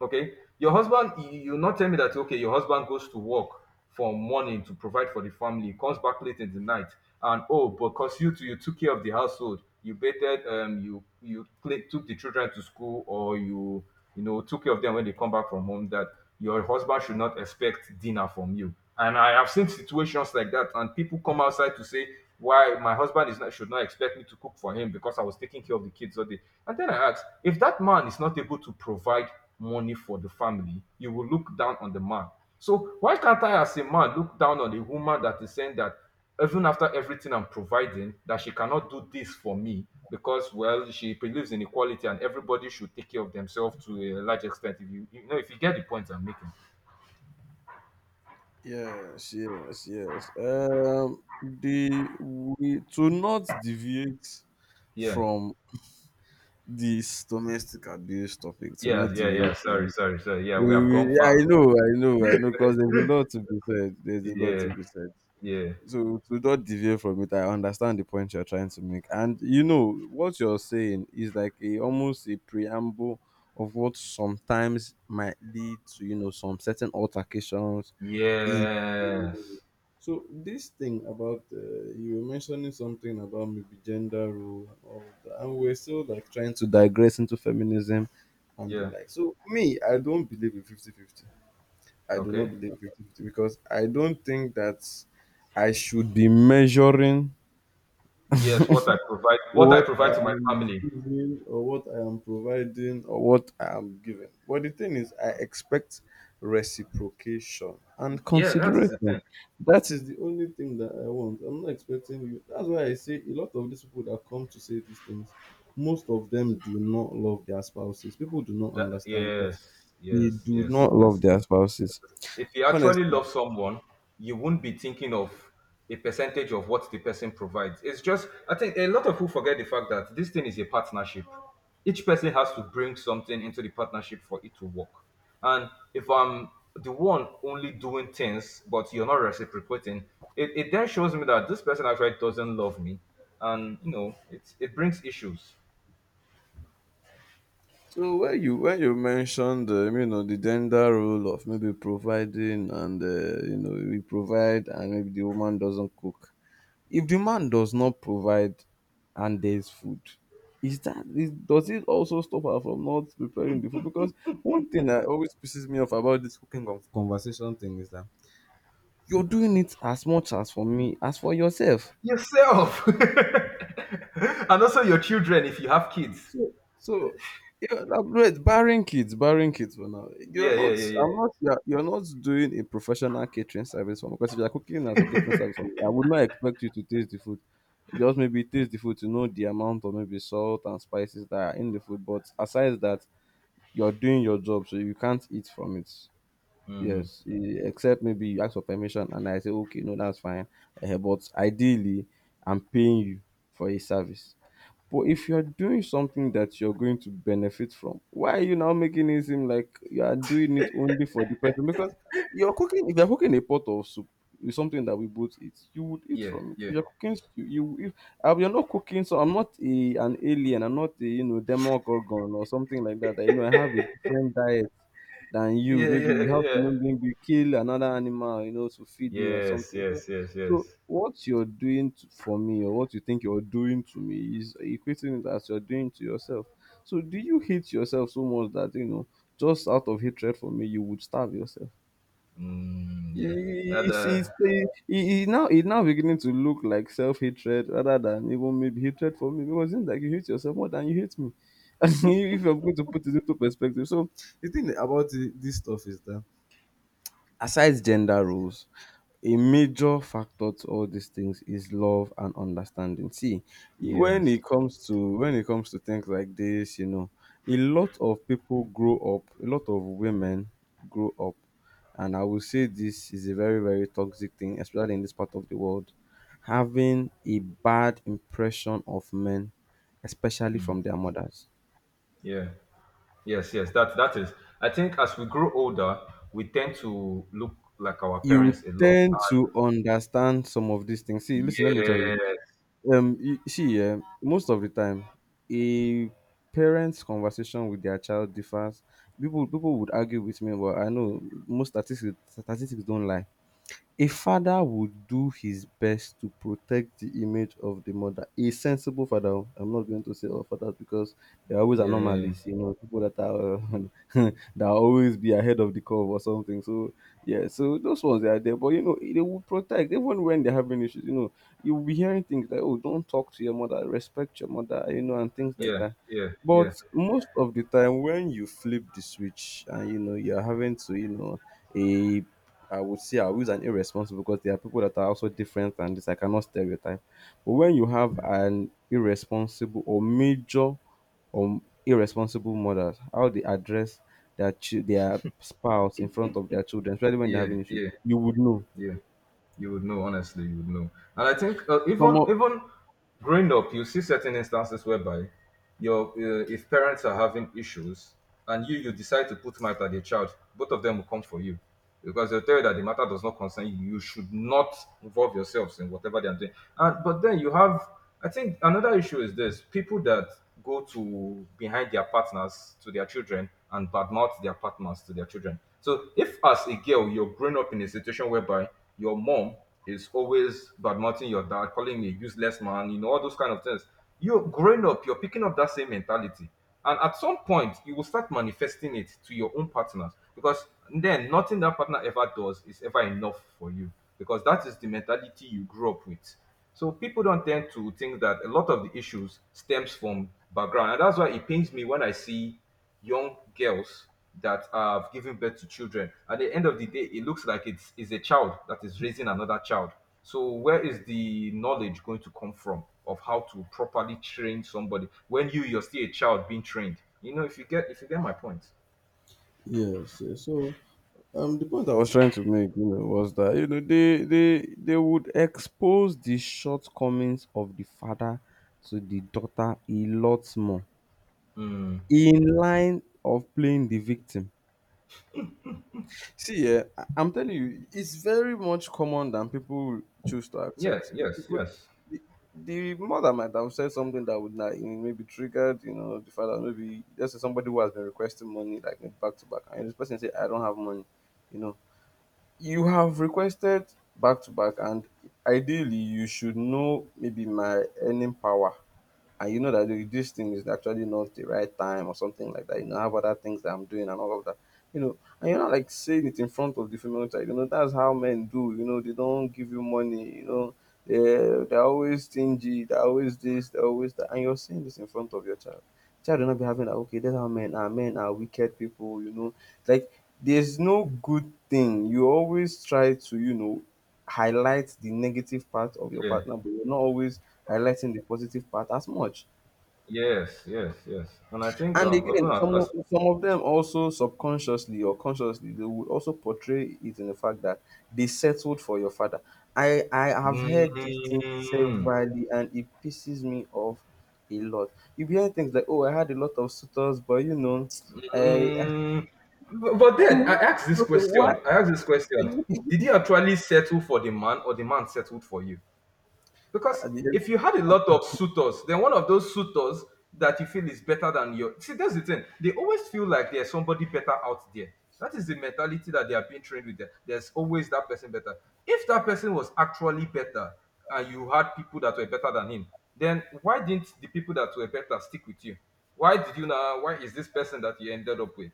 Speaker 1: Okay, your husband, you, you not tell me that, okay, your husband goes to work from morning to provide for the family, comes back late in the night, and, oh, because you too, you took care of the household, you bathed, um, you you play, took the children to school, or you you know took care of them when they come back from home. That your husband should not expect dinner from you. And I have seen situations like that, and people come outside to say why my husband is not should not expect me to cook for him because I was taking care of the kids all day. And then I asked, if that man is not able to provide money for the family, you will look down on the man. So why can't I, as a man, look down on a woman that is saying that, even after everything I'm providing, that she cannot do this for me because, well, she believes in equality and everybody should take care of themselves to a large extent. If you, you know, if you get the point I'm making.
Speaker 2: Yes, yes, yes. Um, the we to not deviate
Speaker 1: Yeah,
Speaker 2: from this domestic abuse topic, to
Speaker 1: yeah,
Speaker 2: not
Speaker 1: yeah, yeah.
Speaker 2: deviate
Speaker 1: Sorry,
Speaker 2: from it.
Speaker 1: sorry, sorry. Yeah, we
Speaker 2: We,
Speaker 1: have
Speaker 2: we,
Speaker 1: gone
Speaker 2: yeah,
Speaker 1: far.
Speaker 2: I know, I know, I know, because there's a lot to be said. There's a lot to
Speaker 1: Yeah,
Speaker 2: be said.
Speaker 1: yeah,
Speaker 2: So to not deviate from it, I understand the point you're trying to make, and you know what you're saying is like a almost a preamble of what sometimes might lead to you know some certain altercations in.
Speaker 1: yes,
Speaker 2: So this thing about uh, you were mentioning something about maybe gender role and all of that, and we're still like trying to digress into feminism and
Speaker 1: yeah.
Speaker 2: the like. So me, I don't believe in fifty-fifty. I do not
Speaker 1: Okay.
Speaker 2: believe fifty-fifty because I don't think that I should be measuring
Speaker 1: Yes, what I provide, what I
Speaker 2: what I
Speaker 1: provide to my
Speaker 2: am
Speaker 1: family.
Speaker 2: giving or what I am providing or what I am given. But the thing is, I expect reciprocation and
Speaker 1: Yeah, that is the
Speaker 2: consideration.
Speaker 1: thing.
Speaker 2: That is the only thing that I want. I'm not expecting you. That's why I say a lot of these people that come to say these things, most of them do not love their spouses. People do not
Speaker 1: That
Speaker 2: understand, but
Speaker 1: Yes,
Speaker 2: they
Speaker 1: yes,
Speaker 2: do
Speaker 1: yes,
Speaker 2: not love
Speaker 1: yes.
Speaker 2: their spouses.
Speaker 1: If you actually
Speaker 2: Honestly,
Speaker 1: love someone, you won't be thinking of a percentage of what the person provides. It's just, I think a lot of people forget the fact that this thing is a partnership. Each person has to bring something into the partnership for it to work. And if I'm the one only doing things, but you're not reciprocating, it, it then shows me that this person actually doesn't love me. And, you know, it, it brings issues.
Speaker 2: so when you when you mentioned um, you know the gender role of maybe providing and uh, you know we provide and maybe the woman doesn't cook. If the man does not provide and there's food, is that is, does it also stop her from not preparing the food? Because one thing that always pisses me off about this cooking con- conversation thing is that you're doing it as much as for me as for yourself.
Speaker 1: Yourself! And also your children if you have kids.
Speaker 2: So, so yeah, now, wait, barring kids, barring kids for now. You're
Speaker 1: Yeah, yeah,
Speaker 2: not,
Speaker 1: yeah, yeah.
Speaker 2: I'm not, you're, you're not doing a professional catering service for me. Because if you're cooking as a catering service for me, I would not expect you to taste the food. Just maybe taste the food to know the amount of maybe salt and spices that are in the food. But aside that, you're doing your job, so you can't eat from it. Yes, e- except maybe you ask for permission, and I say, okay, no, that's fine. Eh, but ideally, I'm paying you for a service. But if you're doing something that you're going to benefit from, why are you now making it seem like you are doing it only for the person? Because you're cooking, if you're cooking a pot of soup with something that we both eat, you would eat
Speaker 1: Yeah,
Speaker 2: from it.
Speaker 1: yeah.
Speaker 2: If you're cooking, stew, you, if uh, you're not cooking, so I'm not a, an alien, I'm not a, you know, demogorgon or something like that, that, you know, I have a different diet than you.
Speaker 1: Yeah,
Speaker 2: Maybe
Speaker 1: yeah,
Speaker 2: you have
Speaker 1: yeah.
Speaker 2: to maybe kill another animal, you know, to feed me or
Speaker 1: Yes,
Speaker 2: something. So
Speaker 1: yes, yes,
Speaker 2: so
Speaker 1: yes.
Speaker 2: what you're doing t- for me or what you think you're doing to me is equating it as you're doing to yourself. So do you hate yourself so much that you know just out of hatred for me you would starve yourself?
Speaker 1: Mm, yeah. That,
Speaker 2: It's, it's,
Speaker 1: uh,
Speaker 2: it, it now it now beginning to look like self hatred rather than even maybe hatred for me, because it's like you hate yourself more than you hate me. And if you're going to put it into perspective, so the thing about thi- this stuff is that aside gender roles, a major factor to all these things is love and understanding. See, i- when
Speaker 1: yes,
Speaker 2: it comes to when it comes to things like this, you know, a lot of people grow up, a lot of women grow up, and I will say this is a very very toxic thing, especially in this part of the world, having a bad impression of men, especially from their mothers.
Speaker 1: yeah, yes, yes. That that is. I think as we grow older, we tend to look like our
Speaker 2: You
Speaker 1: parents a lot.
Speaker 2: tend to understand some of these things. See,
Speaker 1: And
Speaker 2: listen, let me tell you.
Speaker 1: yes,
Speaker 2: um you you see um most of the time a parent's conversation with their child differs. People people would argue with me, but I know most statistics statistics don't lie. A father would do his best to protect the image of the mother. A sensible father. Oh, I'm not going to say all fathers, because there are always
Speaker 1: yeah,
Speaker 2: anomalies, you know, people that are uh, that always be ahead of the curve or something. So yeah, so those ones they are there, but you know, they will protect even when they're having issues. You know, you'll be hearing things like, "Oh, don't talk to your mother, respect your mother," you know, and things like
Speaker 1: yeah,
Speaker 2: that.
Speaker 1: yeah, yeah,
Speaker 2: But most of the time, when you flip the switch and you know you're having to, you know, a I would say I was an irresponsible, because there are people that are also different and this I cannot stereotype. But when you have an irresponsible or major or irresponsible mothers, how they address their chi- their spouse in front of their children, especially when they're
Speaker 1: yeah,
Speaker 2: having issues,
Speaker 1: yeah,
Speaker 2: you would know.
Speaker 1: yeah. You would know, honestly, you would know. And I think uh,
Speaker 2: Some
Speaker 1: even
Speaker 2: of
Speaker 1: even growing up, you see certain instances whereby your uh, if parents are having issues, and you you decide to put matter at the child, both of them will come for you, because they'll tell you that the matter does not concern you. You should not involve yourselves in whatever they are doing. And but then you have I think another issue is this: people that go to behind their partners to their children and badmouth their partners to their children. So if, as a girl, you're growing up in a situation whereby your mom is always badmouthing your dad, calling him a useless man, you know all those kind of things, you are growing up. You're picking up that same mentality. And at some point, you will start manifesting it to your own partners because then nothing that partner ever does is ever enough for you because that is the mentality you grew up with. So people don't tend to think that a lot of the issues stems from background, and that's why it pains me when I see young girls that have given birth to children. At the end of the day, it looks like it's, it's a child that is raising another child. So, where is the knowledge going to come from of how to properly train somebody when you you're still a child being trained? You know, if you get if you get my point.
Speaker 2: Yes, yes. So um, the point I was trying to make, you know, was that you know they they they would expose the shortcomings of the father to the daughter a lot more
Speaker 1: Mm.
Speaker 2: in line of playing the victim. See, yeah, I- I'm telling you, it's very much common than people choose to
Speaker 1: Yeah.
Speaker 2: accept. If you
Speaker 1: Yes.
Speaker 2: could,
Speaker 1: Yes.
Speaker 2: the the mother might have said something that would not maybe triggered, you know, the father. Maybe let's say somebody who has been requesting money like maybe back to back, and this person say, "I don't have money," you know, you have requested back to back, and ideally you should know maybe my earning power, and you know that the- this thing is actually not the right time or something like that. You know, I have other things that I'm doing and all of that. You know, and you're not like saying it in front of the female child. You know, that's how men do. You know, they don't give you money. You know, they're, they're always stingy. They're always this. They're always that. And you're saying this in front of your child. Child will not be happy that okay that's how men are. Men are wicked people, you know. Like there's no good thing. You always try to, you know, highlight the negative part of your
Speaker 1: Yeah.
Speaker 2: partner, but you're not always highlighting the positive part as much.
Speaker 1: Yes. Yes. Yes. And I think
Speaker 2: And
Speaker 1: um even
Speaker 2: again,
Speaker 1: as,
Speaker 2: some of,
Speaker 1: as
Speaker 2: some of them also subconsciously or consciously, they would also portray it in the fact that they settled for your father. I, I have heard this thing
Speaker 1: Mm.
Speaker 2: severally and it pisses me off a lot. You hear things like, oh, I had a lot of suitors, but you know, uh,
Speaker 1: Mm. Bu- but then
Speaker 2: you
Speaker 1: I asked
Speaker 2: had a
Speaker 1: this
Speaker 2: lot of what?
Speaker 1: question. I asked this question. Did you actually settle for the man or the man settled for you? Because
Speaker 2: And then-
Speaker 1: if you had a lot
Speaker 2: and
Speaker 1: of suitors, then one of those suitors that you feel is better than your see, that's the thing. They always feel like there's somebody better out there. That is the mentality that they are being trained with. There- There's always that person better. If that person was actually better and you had people that were better than him, then why didn't the people that were better stick with you? Why did you now why is this person that you ended up with?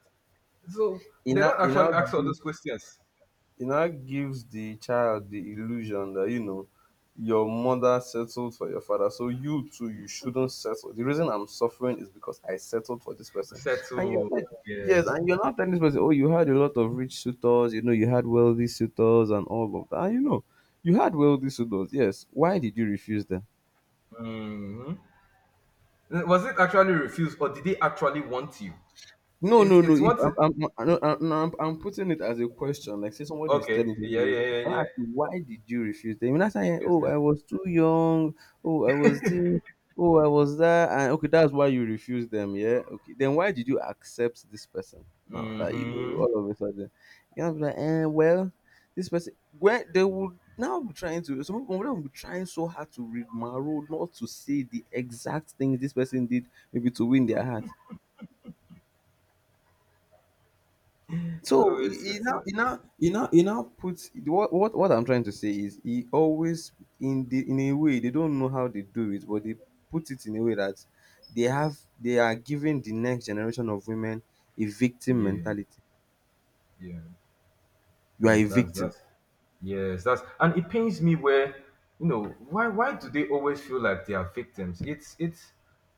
Speaker 1: So
Speaker 2: he
Speaker 1: they
Speaker 2: now,
Speaker 1: don't
Speaker 2: he
Speaker 1: actually
Speaker 2: now
Speaker 1: ask all those questions.
Speaker 2: It now gives the child the illusion that you know your mother settled for your father, so you too, you shouldn't settle. The reason I'm suffering is because I settled for this person, and you're
Speaker 1: Settle.
Speaker 2: like, yes.
Speaker 1: Yes.
Speaker 2: And you're not telling this person, oh, you had a lot of rich suitors, you know you had wealthy suitors, and all of that, and you know you had wealthy suitors. Yes, why did you refuse them?
Speaker 1: Hmm. Was it actually refused or did they actually want you?
Speaker 2: No,
Speaker 1: It's
Speaker 2: no, no.
Speaker 1: it's
Speaker 2: If
Speaker 1: what
Speaker 2: I'm,
Speaker 1: it.
Speaker 2: I'm, I'm, no, I'm, no, I'm I'm putting it as a question, like say somebody is
Speaker 1: Okay.
Speaker 2: telling
Speaker 1: Yeah.
Speaker 2: you,
Speaker 1: Yeah. Yeah.
Speaker 2: I'll
Speaker 1: Yeah.
Speaker 2: ask you, why did you refuse them? And that's saying,
Speaker 1: Yes.
Speaker 2: oh, I was too young. Oh, I was this. Oh, I was that. And okay, that's why you refused them. Yeah. Okay. Then why did you accept this person? Now that you know,
Speaker 1: Mm-hmm.
Speaker 2: all of a sudden, you know, like, eh, well, this person, where they would now be trying to, some people will be trying so hard to read Maro, not to say the exact things this person did, maybe to win their heart.
Speaker 1: So
Speaker 2: So he,
Speaker 1: it's
Speaker 2: he
Speaker 1: it's
Speaker 2: now
Speaker 1: uh,
Speaker 2: he now he now he now puts what what what I'm trying to say is he always in the in a way they don't know how they do it, but they put it in a way that they have they are giving the next generation of women a victim
Speaker 1: yeah,
Speaker 2: mentality.
Speaker 1: yeah.
Speaker 2: You are
Speaker 1: That's
Speaker 2: a
Speaker 1: that's
Speaker 2: victim.
Speaker 1: that's Yes. that's And it pains me where you know why why do they always feel like they are victims? It's it's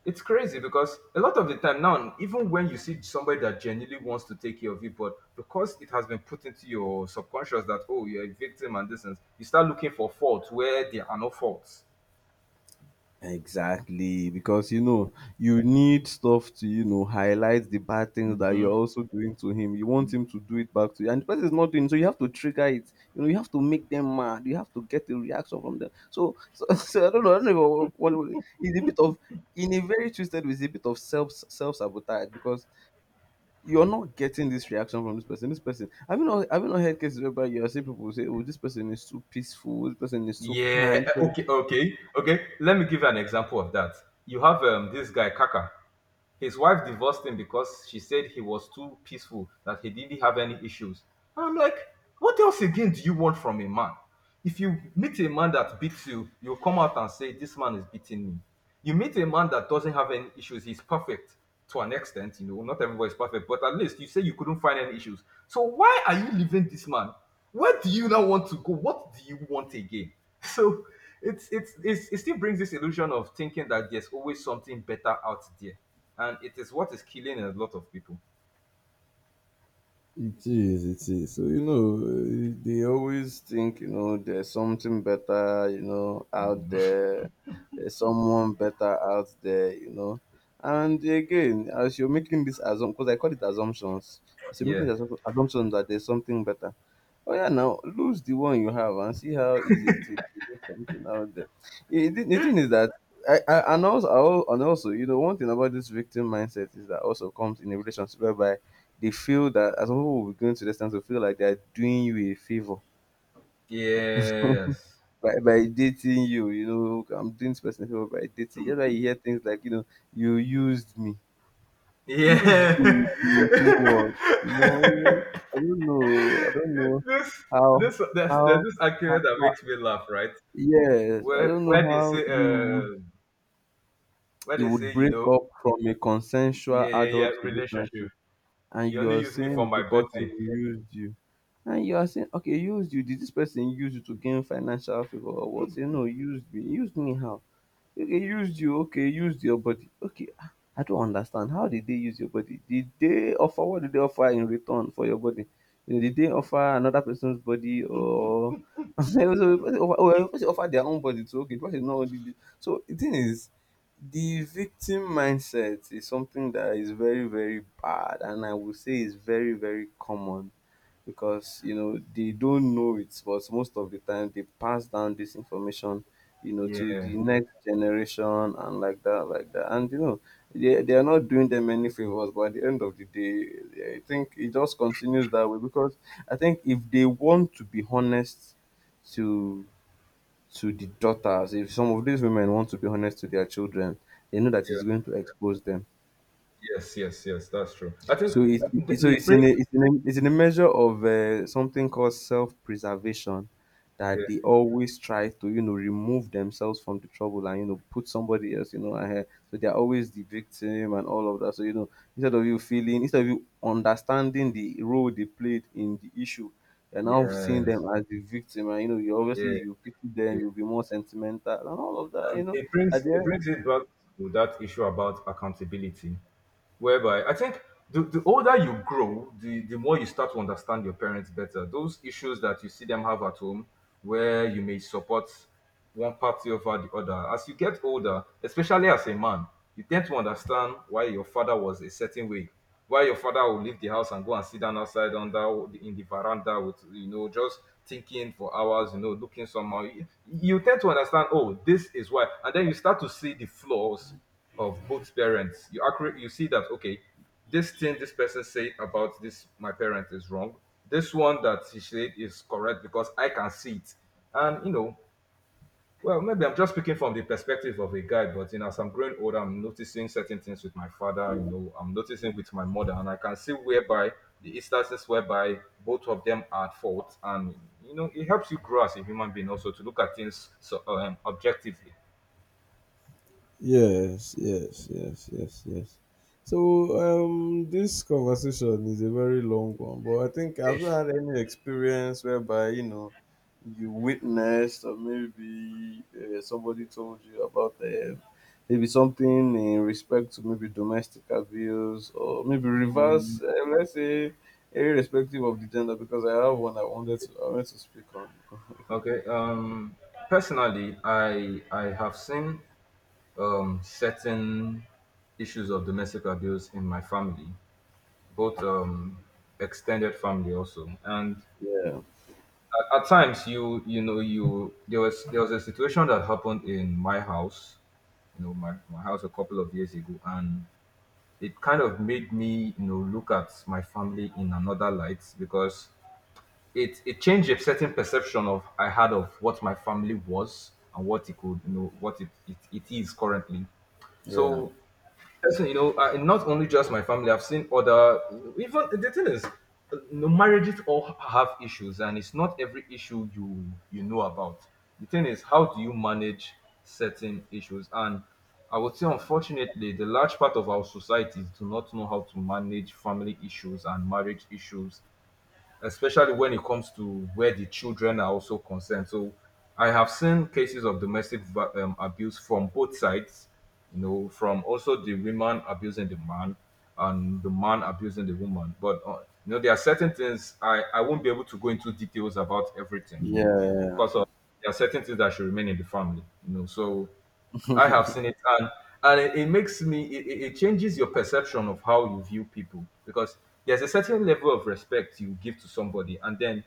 Speaker 1: it's crazy because a lot of the time now, even when you see somebody that genuinely wants to take care of you, but because it has been put into your subconscious that, oh, you're a victim and this, and you start looking for faults where there are no faults.
Speaker 2: Exactly, because you know you need stuff to you know highlight the bad things that you're
Speaker 1: Mhm.
Speaker 2: also doing to him. You want him to do it back to you, and the person is not doing it, so. You have to trigger it. You know, you have to make them mad. You have to get a reaction from them. So, so, so I don't know. I don't know what, what it's a bit of in a very twisted way. It's a bit of self self sabotage because you're not getting this reaction from this person. This person. Have you not have you not heard cases where you are seeing people say, "Oh, this person is too peaceful. This person is so
Speaker 1: Yeah.
Speaker 2: kind."
Speaker 1: Okay. Okay. Okay. Let me give you an example of that. You have um, this guy Kaka. His wife divorced him because she said he was too peaceful, that he didn't have any issues. And I'm like, what else again do you want from a man? If you meet a man that beats you, you'll come out and say, "This man is beating me." You meet a man that doesn't have any issues, he's perfect to an extent, you know, not everybody's perfect, but at least you say you couldn't find any issues. So why are you leaving this man? Where do you now want to go? What do you want again? So it's it's, it's it still brings this illusion of thinking that there's always something better out there, and it is what is killing a lot of people.
Speaker 2: It is, it is. So, you know, eh, they always think, you know, there's something better, you know, out there. There's someone better out there, you know. And again, as you're making this assumption, because I call it assumptions, as you're making
Speaker 1: Yeah.
Speaker 2: the assumption assumption that there's something better. Oh, yeah, now lose the one you have and see how easy it is to get something out there. Eh, The, the thing is that, I, I, and also, and also, you know, one thing about this victim mindset is that also comes in a relationship whereby they feel that as some people will be going to this extent to feel like they are doing you a favor
Speaker 1: Yes.
Speaker 2: by, by dating you. You know, "Okay, I'm doing this person a favor by dating. That's why you hear things like, you know, you used me. Used you
Speaker 1: Yeah.
Speaker 2: to do what? No, I don't know. I don't know
Speaker 1: this
Speaker 2: how
Speaker 1: this there's, there's
Speaker 2: how,
Speaker 1: this
Speaker 2: how,
Speaker 1: argument that
Speaker 2: how
Speaker 1: makes me laugh, right?
Speaker 2: yes, I
Speaker 1: Where
Speaker 2: don't know
Speaker 1: where they
Speaker 2: how
Speaker 1: say
Speaker 2: you would
Speaker 1: uh where
Speaker 2: you
Speaker 1: they say,
Speaker 2: would
Speaker 1: you
Speaker 2: break
Speaker 1: know,
Speaker 2: up from a consensual
Speaker 1: yeah, yeah, yeah,
Speaker 2: adult
Speaker 1: relationship.
Speaker 2: relationship. And
Speaker 1: You only
Speaker 2: you're
Speaker 1: use me for
Speaker 2: saying
Speaker 1: my
Speaker 2: the person
Speaker 1: body.
Speaker 2: used you. And you are saying, okay, used you. Did this person use you to gain financial favor or what? Say no, used me. Used me how? Okay, used you. Okay, used your body. Okay, ah, I don't understand. How did they use your body? Did they offer what did they offer in return for your body? You know, did they offer another person's body or so they offer, oh, they offer their own body too? Okay, because it's not only the- so the thing is the victim mindset is something that is very very bad, and I would say is very very common because you know they don't know it, but most of the time they pass down this information, you know,
Speaker 1: Yeah,
Speaker 2: to
Speaker 1: yeah,
Speaker 2: the next generation and like that like that and you know they, they are not doing them any favors. But at the end of the day, I think it just continues that way because I think if they want to be honest to to the daughters, if some of these women want to be honest to their children, they know that it's going to expose them.
Speaker 1: yes, yes, yes, that's true. I think
Speaker 2: So it's
Speaker 1: it
Speaker 2: it's- so
Speaker 1: it
Speaker 2: it's in
Speaker 1: brings.
Speaker 2: a it's in a, it's in a measure of uh, something called self preservation, that
Speaker 1: Yeah.
Speaker 2: they always try to, you know, remove themselves from the trouble and you know put somebody else, you know, ahead. So they're always the victim and all of that. So you know, instead of you feeling instead of you understanding the role they played in the issue, you're now seeing
Speaker 1: Yes.
Speaker 2: them as the victim, and you know you obviously
Speaker 1: Yeah,
Speaker 2: you pity them,
Speaker 1: yeah.
Speaker 2: you'll be more sentimental and all of that.
Speaker 1: Um,
Speaker 2: You know
Speaker 1: it
Speaker 2: at
Speaker 1: brings it
Speaker 2: the
Speaker 1: brings it back to that issue about accountability, whereby I think the, the older you grow, the, the more you start to understand your parents better. Those issues that you see them have at home, where you may support one party over the other, as you get older, especially as a man, you tend to understand why your father was a certain way. Why your father will leave the house and go and sit down outside under the- in the veranda with you know just thinking for hours, you know, looking somehow. You, you tend to understand, oh, this is why, and then you start to see the flaws of both parents, you accurate you see that, okay, this thing this person said about this my parent is wrong, this one that he said is correct because I can see it. And, you know well, maybe I'm just speaking from the perspective of a guy, but you know as I'm growing older, I'm noticing certain things with my father, you know I'm noticing with my mother, and I can see whereby the instances whereby both of them are at fault, and you know it helps you grow as a human being also to look at things so um, objectively.
Speaker 2: yes, yes, yes, yes, yes. So um, this conversation is a very long one, but I think, have you had any experience whereby you know you witnessed or maybe uh, somebody told you about um, maybe something in respect to maybe domestic abuse or maybe reverse, uh, let's say, irrespective of the gender, because I have one I wanted to I wanted to speak on.
Speaker 1: Okay. Um, personally, I I have seen um, certain issues of domestic abuse in my family, both um, extended family also, and
Speaker 2: Yeah,
Speaker 1: at, at times you you know you there was there was a situation that happened in my house, you know my, my house a couple of years ago, and it kind of made me you know look at my family in another light because it it changed a certain perception of I had of what my family was and what it could you know what it it, it is currently.
Speaker 2: yeah,
Speaker 1: So person, you know, uh, not only just my family, I've seen other even the thing is uh, you know, marriages all have issues and it's not every issue you you know about. The thing is how do you manage certain issues and I would say unfortunately the large part of our societies do not know how to manage family issues and marriage issues especially when it comes to where the children are also concerned. So I have seen cases of domestic va- um, abuse from both sides, you know, from also the woman abusing the man and the man abusing the woman. But, uh, you know, there are certain things I, I won't be able to go into details about everything, you know,
Speaker 2: yeah,
Speaker 1: because of, there are certain things that should remain in the family, you know. So I have seen it, and and it, it makes me it, it it changes your perception of how you view people because there's a certain level of respect you give to somebody, and then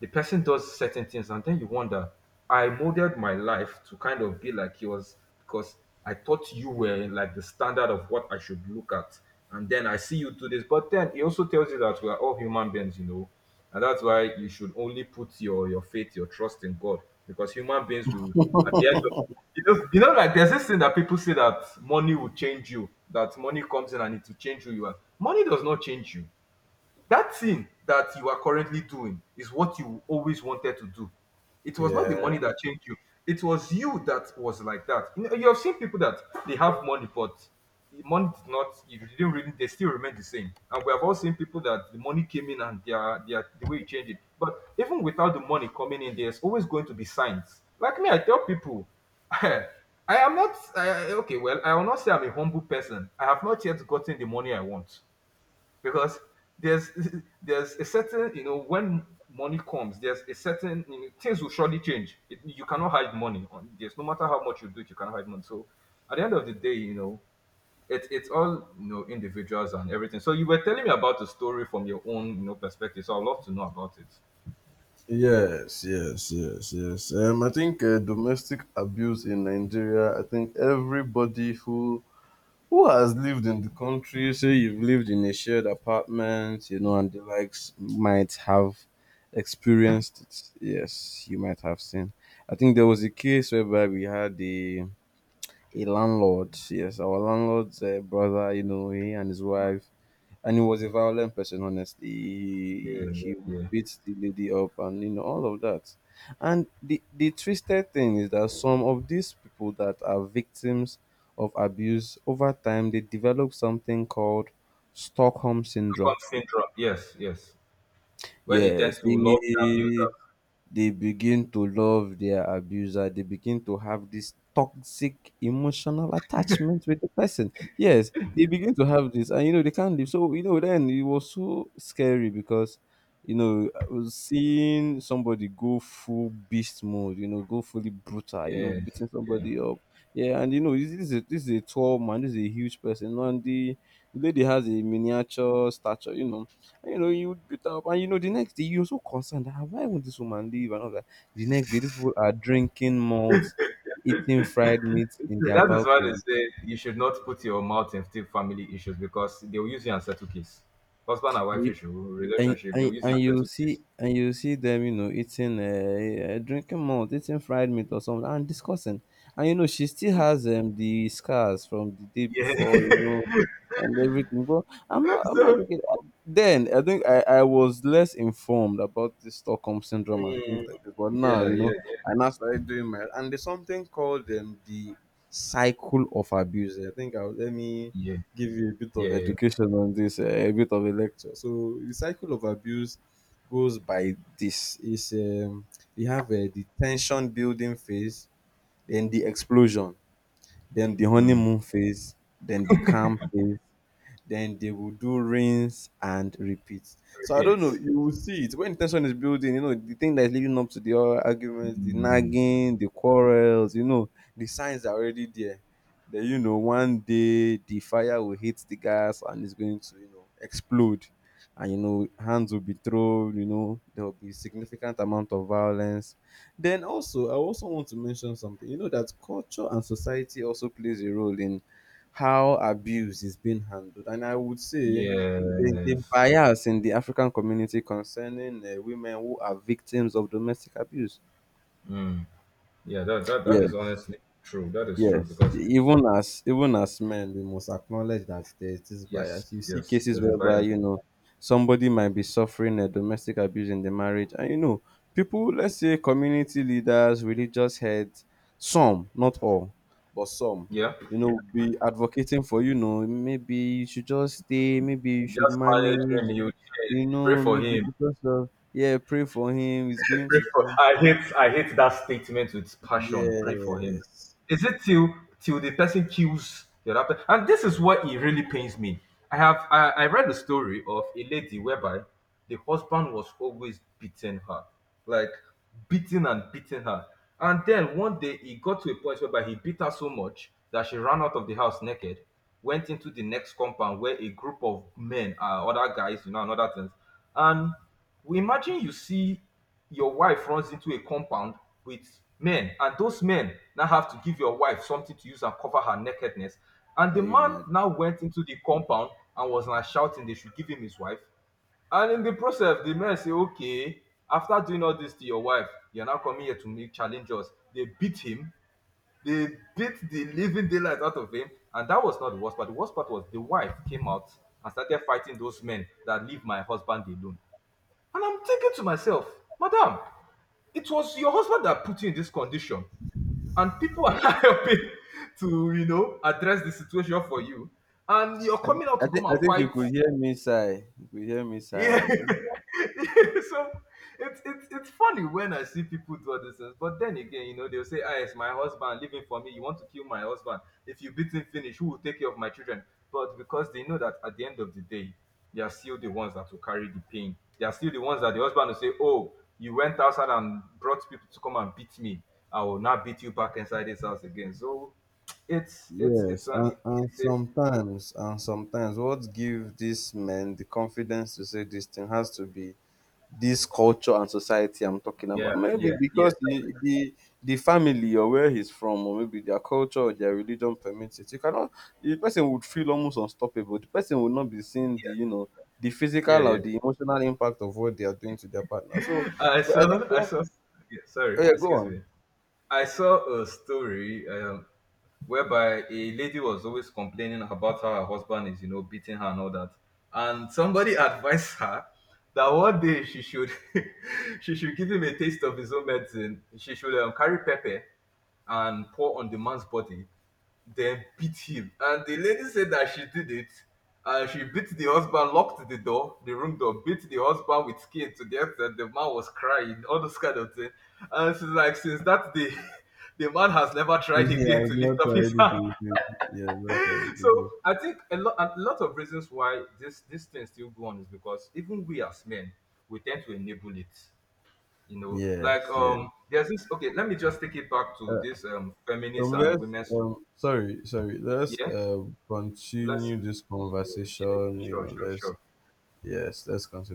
Speaker 1: the person does certain things and then you wonder I modeled my life to kind of be like yours because I thought you were like the standard of what I should look at, and then I see you do this. But then it also tells you that we are all human beings, you know, and that's why you should only put your your faith, your trust in God, because human beings will at the end of you know, you know, like there's this thing that people say that money will change you, that money comes in and it will change who you are. Money does not change you. That thing that you are currently doing is what you always wanted to do. It was not the
Speaker 2: yeah.
Speaker 1: money that changed you. It was you that was like that. You know, you have seen people that they have money, but the money did not. It didn't really. They still remain the same. And we have all seen people that the money came in and they are, they are the way you change it. But even without the money coming in, there's always going to be signs. Like me, I tell people, I am not I- okay. Well, I will not say I'm a humble person. I have not yet gotten the money I want because there's there's a certain you know when money comes, there's a certain you know, things will surely change it. You cannot hide money on this, no matter how much you do it, you cannot hide money. So at the end of the day, you know, it, it's all you know individuals and everything. So you were telling me about the story from your own, you know, perspective, so I'd love to know about it.
Speaker 2: Yes, yes, yes, yes. Um, I think uh, domestic abuse in Nigeria. I think everybody who who has lived in the country, say you've lived in a shared apartment, you know, and the likes, might have experienced it. Yes, you might have seen. I think there was a case whereby we had a a landlord. Yes, our landlord's uh, brother. You know, he and his wife, and he was a violent person, honestly. he,
Speaker 1: Yeah. Yeah,
Speaker 2: he would
Speaker 1: yeah.
Speaker 2: beat the lady up, and you know all of that. And the the twisted thing is that some of these people that are victims of abuse, over time they develop something called Stockholm
Speaker 1: Stockholm
Speaker 2: syndrome.
Speaker 1: syndrome, yes, yes, where they tend
Speaker 2: Yes,
Speaker 1: to love the
Speaker 2: the they begin to love their abuser. They begin to have this toxic emotional attachment with the person. Yes, they begin to have this, and you know they can't live. So you know then it was so scary because you know I was seeing somebody go full beast mode, you know, go fully brutal, you know,
Speaker 1: abusers, yes,
Speaker 2: beating
Speaker 1: yeah.
Speaker 2: somebody up. Yeah. And you know this is a, this is a tall man, this is a huge person, and the, the lady has a miniature stature, you know. And, you know, you would beat up, and you know, the next day you're so concerned. "Ah, why won't this woman leave? And all that. The next day, these people are drinking malt, eating fried meat
Speaker 1: See,
Speaker 2: in their
Speaker 1: that is why they
Speaker 2: balcony.
Speaker 1: say you should not put your mouth in thick family issues because they will use you and settle case. Husband and
Speaker 2: And
Speaker 1: wife
Speaker 2: you,
Speaker 1: issue,
Speaker 2: and
Speaker 1: relationship, they
Speaker 2: and
Speaker 1: will use you
Speaker 2: and
Speaker 1: and
Speaker 2: you
Speaker 1: settle case.
Speaker 2: see and you see them you know eating uh, uh, drinking malt, eating fried meat or something, and discussing. And you know she still has um the scars from the day
Speaker 1: Yeah.
Speaker 2: before, you know, and everything. But I'm not i'm not
Speaker 1: So,
Speaker 2: looking uh, then I think i i was less informed about this Stockholm syndrome and things
Speaker 1: mm,
Speaker 2: like this, but now
Speaker 1: yeah,
Speaker 2: you know
Speaker 1: yeah, yeah,
Speaker 2: I now started doing my, and there's something called um the cycle of abuse. I think I will let me
Speaker 1: yeah,
Speaker 2: give you a bit
Speaker 1: yeah,
Speaker 2: of
Speaker 1: yeah.
Speaker 2: education on this, uh, a bit of a lecture. So the cycle of abuse goes by this: is um, you have uh, the tension building phase, then the explosion, then the
Speaker 1: Mm.
Speaker 2: honeymoon phase, then the calm phase, then they will do rinse and repeat. So I don't know,
Speaker 1: Repeat.
Speaker 2: you will see it when tension is building, you know, the thing that is leading up to the ar- arguments, the nagging, the quarrels, you know, the signs are already there. Then you know, one day the fire will hit the gas and it's going to, you know, explode. And you know, hands will be thrown, you know, there will be significant amount of violence. Then also, I also want to mention something. You know that culture and society also plays a role in how abuse is being handled. And I would say there's a
Speaker 1: Yes.
Speaker 2: bias in the African community concerning uh, women who are victims of domestic abuse.
Speaker 1: Mm. Yeah, that, that that is
Speaker 2: Yes.
Speaker 1: honestly true. That is true
Speaker 2: Yes,
Speaker 1: because
Speaker 2: even as even as men, we must acknowledge that there is this
Speaker 1: yes,
Speaker 2: bias. You see
Speaker 1: yes,
Speaker 2: cases
Speaker 1: there's a
Speaker 2: whereby
Speaker 1: bias.
Speaker 2: you know somebody might be suffering a domestic abuse in the marriage, and you know people, let's say community leaders, religious heads, some, not all, but some,
Speaker 1: Yeah.
Speaker 2: you know, will be advocating for you know maybe you should just stay, maybe you should
Speaker 1: Just manage
Speaker 2: manage,
Speaker 1: him, you
Speaker 2: you
Speaker 1: pray
Speaker 2: know,
Speaker 1: for
Speaker 2: maybe
Speaker 1: him.
Speaker 2: because of yeah, pray for him, he's going
Speaker 1: Pray
Speaker 2: to
Speaker 1: for.
Speaker 2: change.
Speaker 1: I hate. I hate that statement with passion. Pray for him.
Speaker 2: Yes,
Speaker 1: Is it till till the person kills the other? pe- And this is what it really pains me. I have. I, I read the story of a lady whereby the husband was always beating her, like beating and beating her. And then one day he got to a point whereby he beat her so much that she ran out of the house naked, went into the next compound where a group of men, uh, other guys, you know, and other things, and we imagine you see your wife runs into a compound with men and those men now have to give your wife something to use and cover her nakedness, and the
Speaker 2: can you
Speaker 1: man
Speaker 2: imagine?
Speaker 1: now went into the compound and was now shouting they should give him his wife, and in the process the men say, okay, after doing all this to your wife, you're now coming here to make challenges. They beat him. They beat the living daylight out of him. And that was not the worst part. The worst part was the wife came out and started fighting those men, that leave my husband alone. And I'm thinking to myself, madam, it was your husband that put you in this condition, and people are helping to, you know, address the situation for you. And you're
Speaker 2: I
Speaker 1: coming out
Speaker 2: I
Speaker 1: to
Speaker 2: think
Speaker 1: come
Speaker 2: I
Speaker 1: and
Speaker 2: think you
Speaker 1: fight.
Speaker 2: could hear me sigh. You could hear me sigh,
Speaker 1: Yeah.
Speaker 2: Abi.
Speaker 1: So it's it's it's funny when I see people do all these things, but then again, you know, they'll say, ah, it's my husband living for me. You want to kill my husband. If you beat him finish, who will take care of my children? But because they know that at the end of the day, they are still the ones that will carry the pain. They are still the ones that the husband will say, oh, you went outside and brought people to come and beat me. I will not beat you back inside this house again. So it's it's it's
Speaker 2: Yes,
Speaker 1: um,
Speaker 2: and, and
Speaker 1: it's a,
Speaker 2: sometimes and sometimes what give these men the confidence to say this thing has to be this culture and society I'm talking
Speaker 1: yeah,
Speaker 2: about. Maybe
Speaker 1: yeah, yeah,
Speaker 2: because the the, the family or where he's from, or maybe their culture or their religion permits it. You cannot the person would feel almost unstoppable. The person would not be seeing the
Speaker 1: yeah,
Speaker 2: you know the
Speaker 1: yeah,
Speaker 2: physical or
Speaker 1: yeah.
Speaker 2: the emotional impact of what they are doing to their partner. So
Speaker 1: I
Speaker 2: but I think
Speaker 1: saw, I
Speaker 2: when,
Speaker 1: saw, yeah, sorry,
Speaker 2: oh yeah, go
Speaker 1: excuse
Speaker 2: on.
Speaker 1: me. I saw a story um, whereby a lady was always complaining about how her husband is, you know, beating her and all that. And somebody advised her that one day she should, she should give him a taste of his own medicine. She should um, carry pepper and pour on the man's body then beat him. And the lady said that she did it. And she beat the husband, locked the door, the room door, beat the husband with skin to the extent the man was crying, all those kind of thing. And she's like, since that day, the man has never tried again
Speaker 2: Yeah,
Speaker 1: to lift
Speaker 2: not
Speaker 1: up his
Speaker 2: tried it
Speaker 1: hand.
Speaker 2: again. Yeah, not tried it
Speaker 1: So
Speaker 2: again.
Speaker 1: I think a lot, a lot of reasons why this this thing still go on is because even we as men, we tend to enable it. You know, like
Speaker 2: Yes, yeah.
Speaker 1: um, there's this. Okay, let me just take it back to
Speaker 2: Uh,
Speaker 1: this um, feminists
Speaker 2: um,
Speaker 1: and
Speaker 2: let's
Speaker 1: women's.
Speaker 2: um, sorry, sorry. Let's
Speaker 1: Yeah,
Speaker 2: uh,
Speaker 1: let's,
Speaker 2: continue this
Speaker 1: yeah, yeah, yeah,
Speaker 2: conversation. You
Speaker 1: sure,
Speaker 2: know,
Speaker 1: sure,
Speaker 2: let's
Speaker 1: sure.
Speaker 2: yes, let's continue this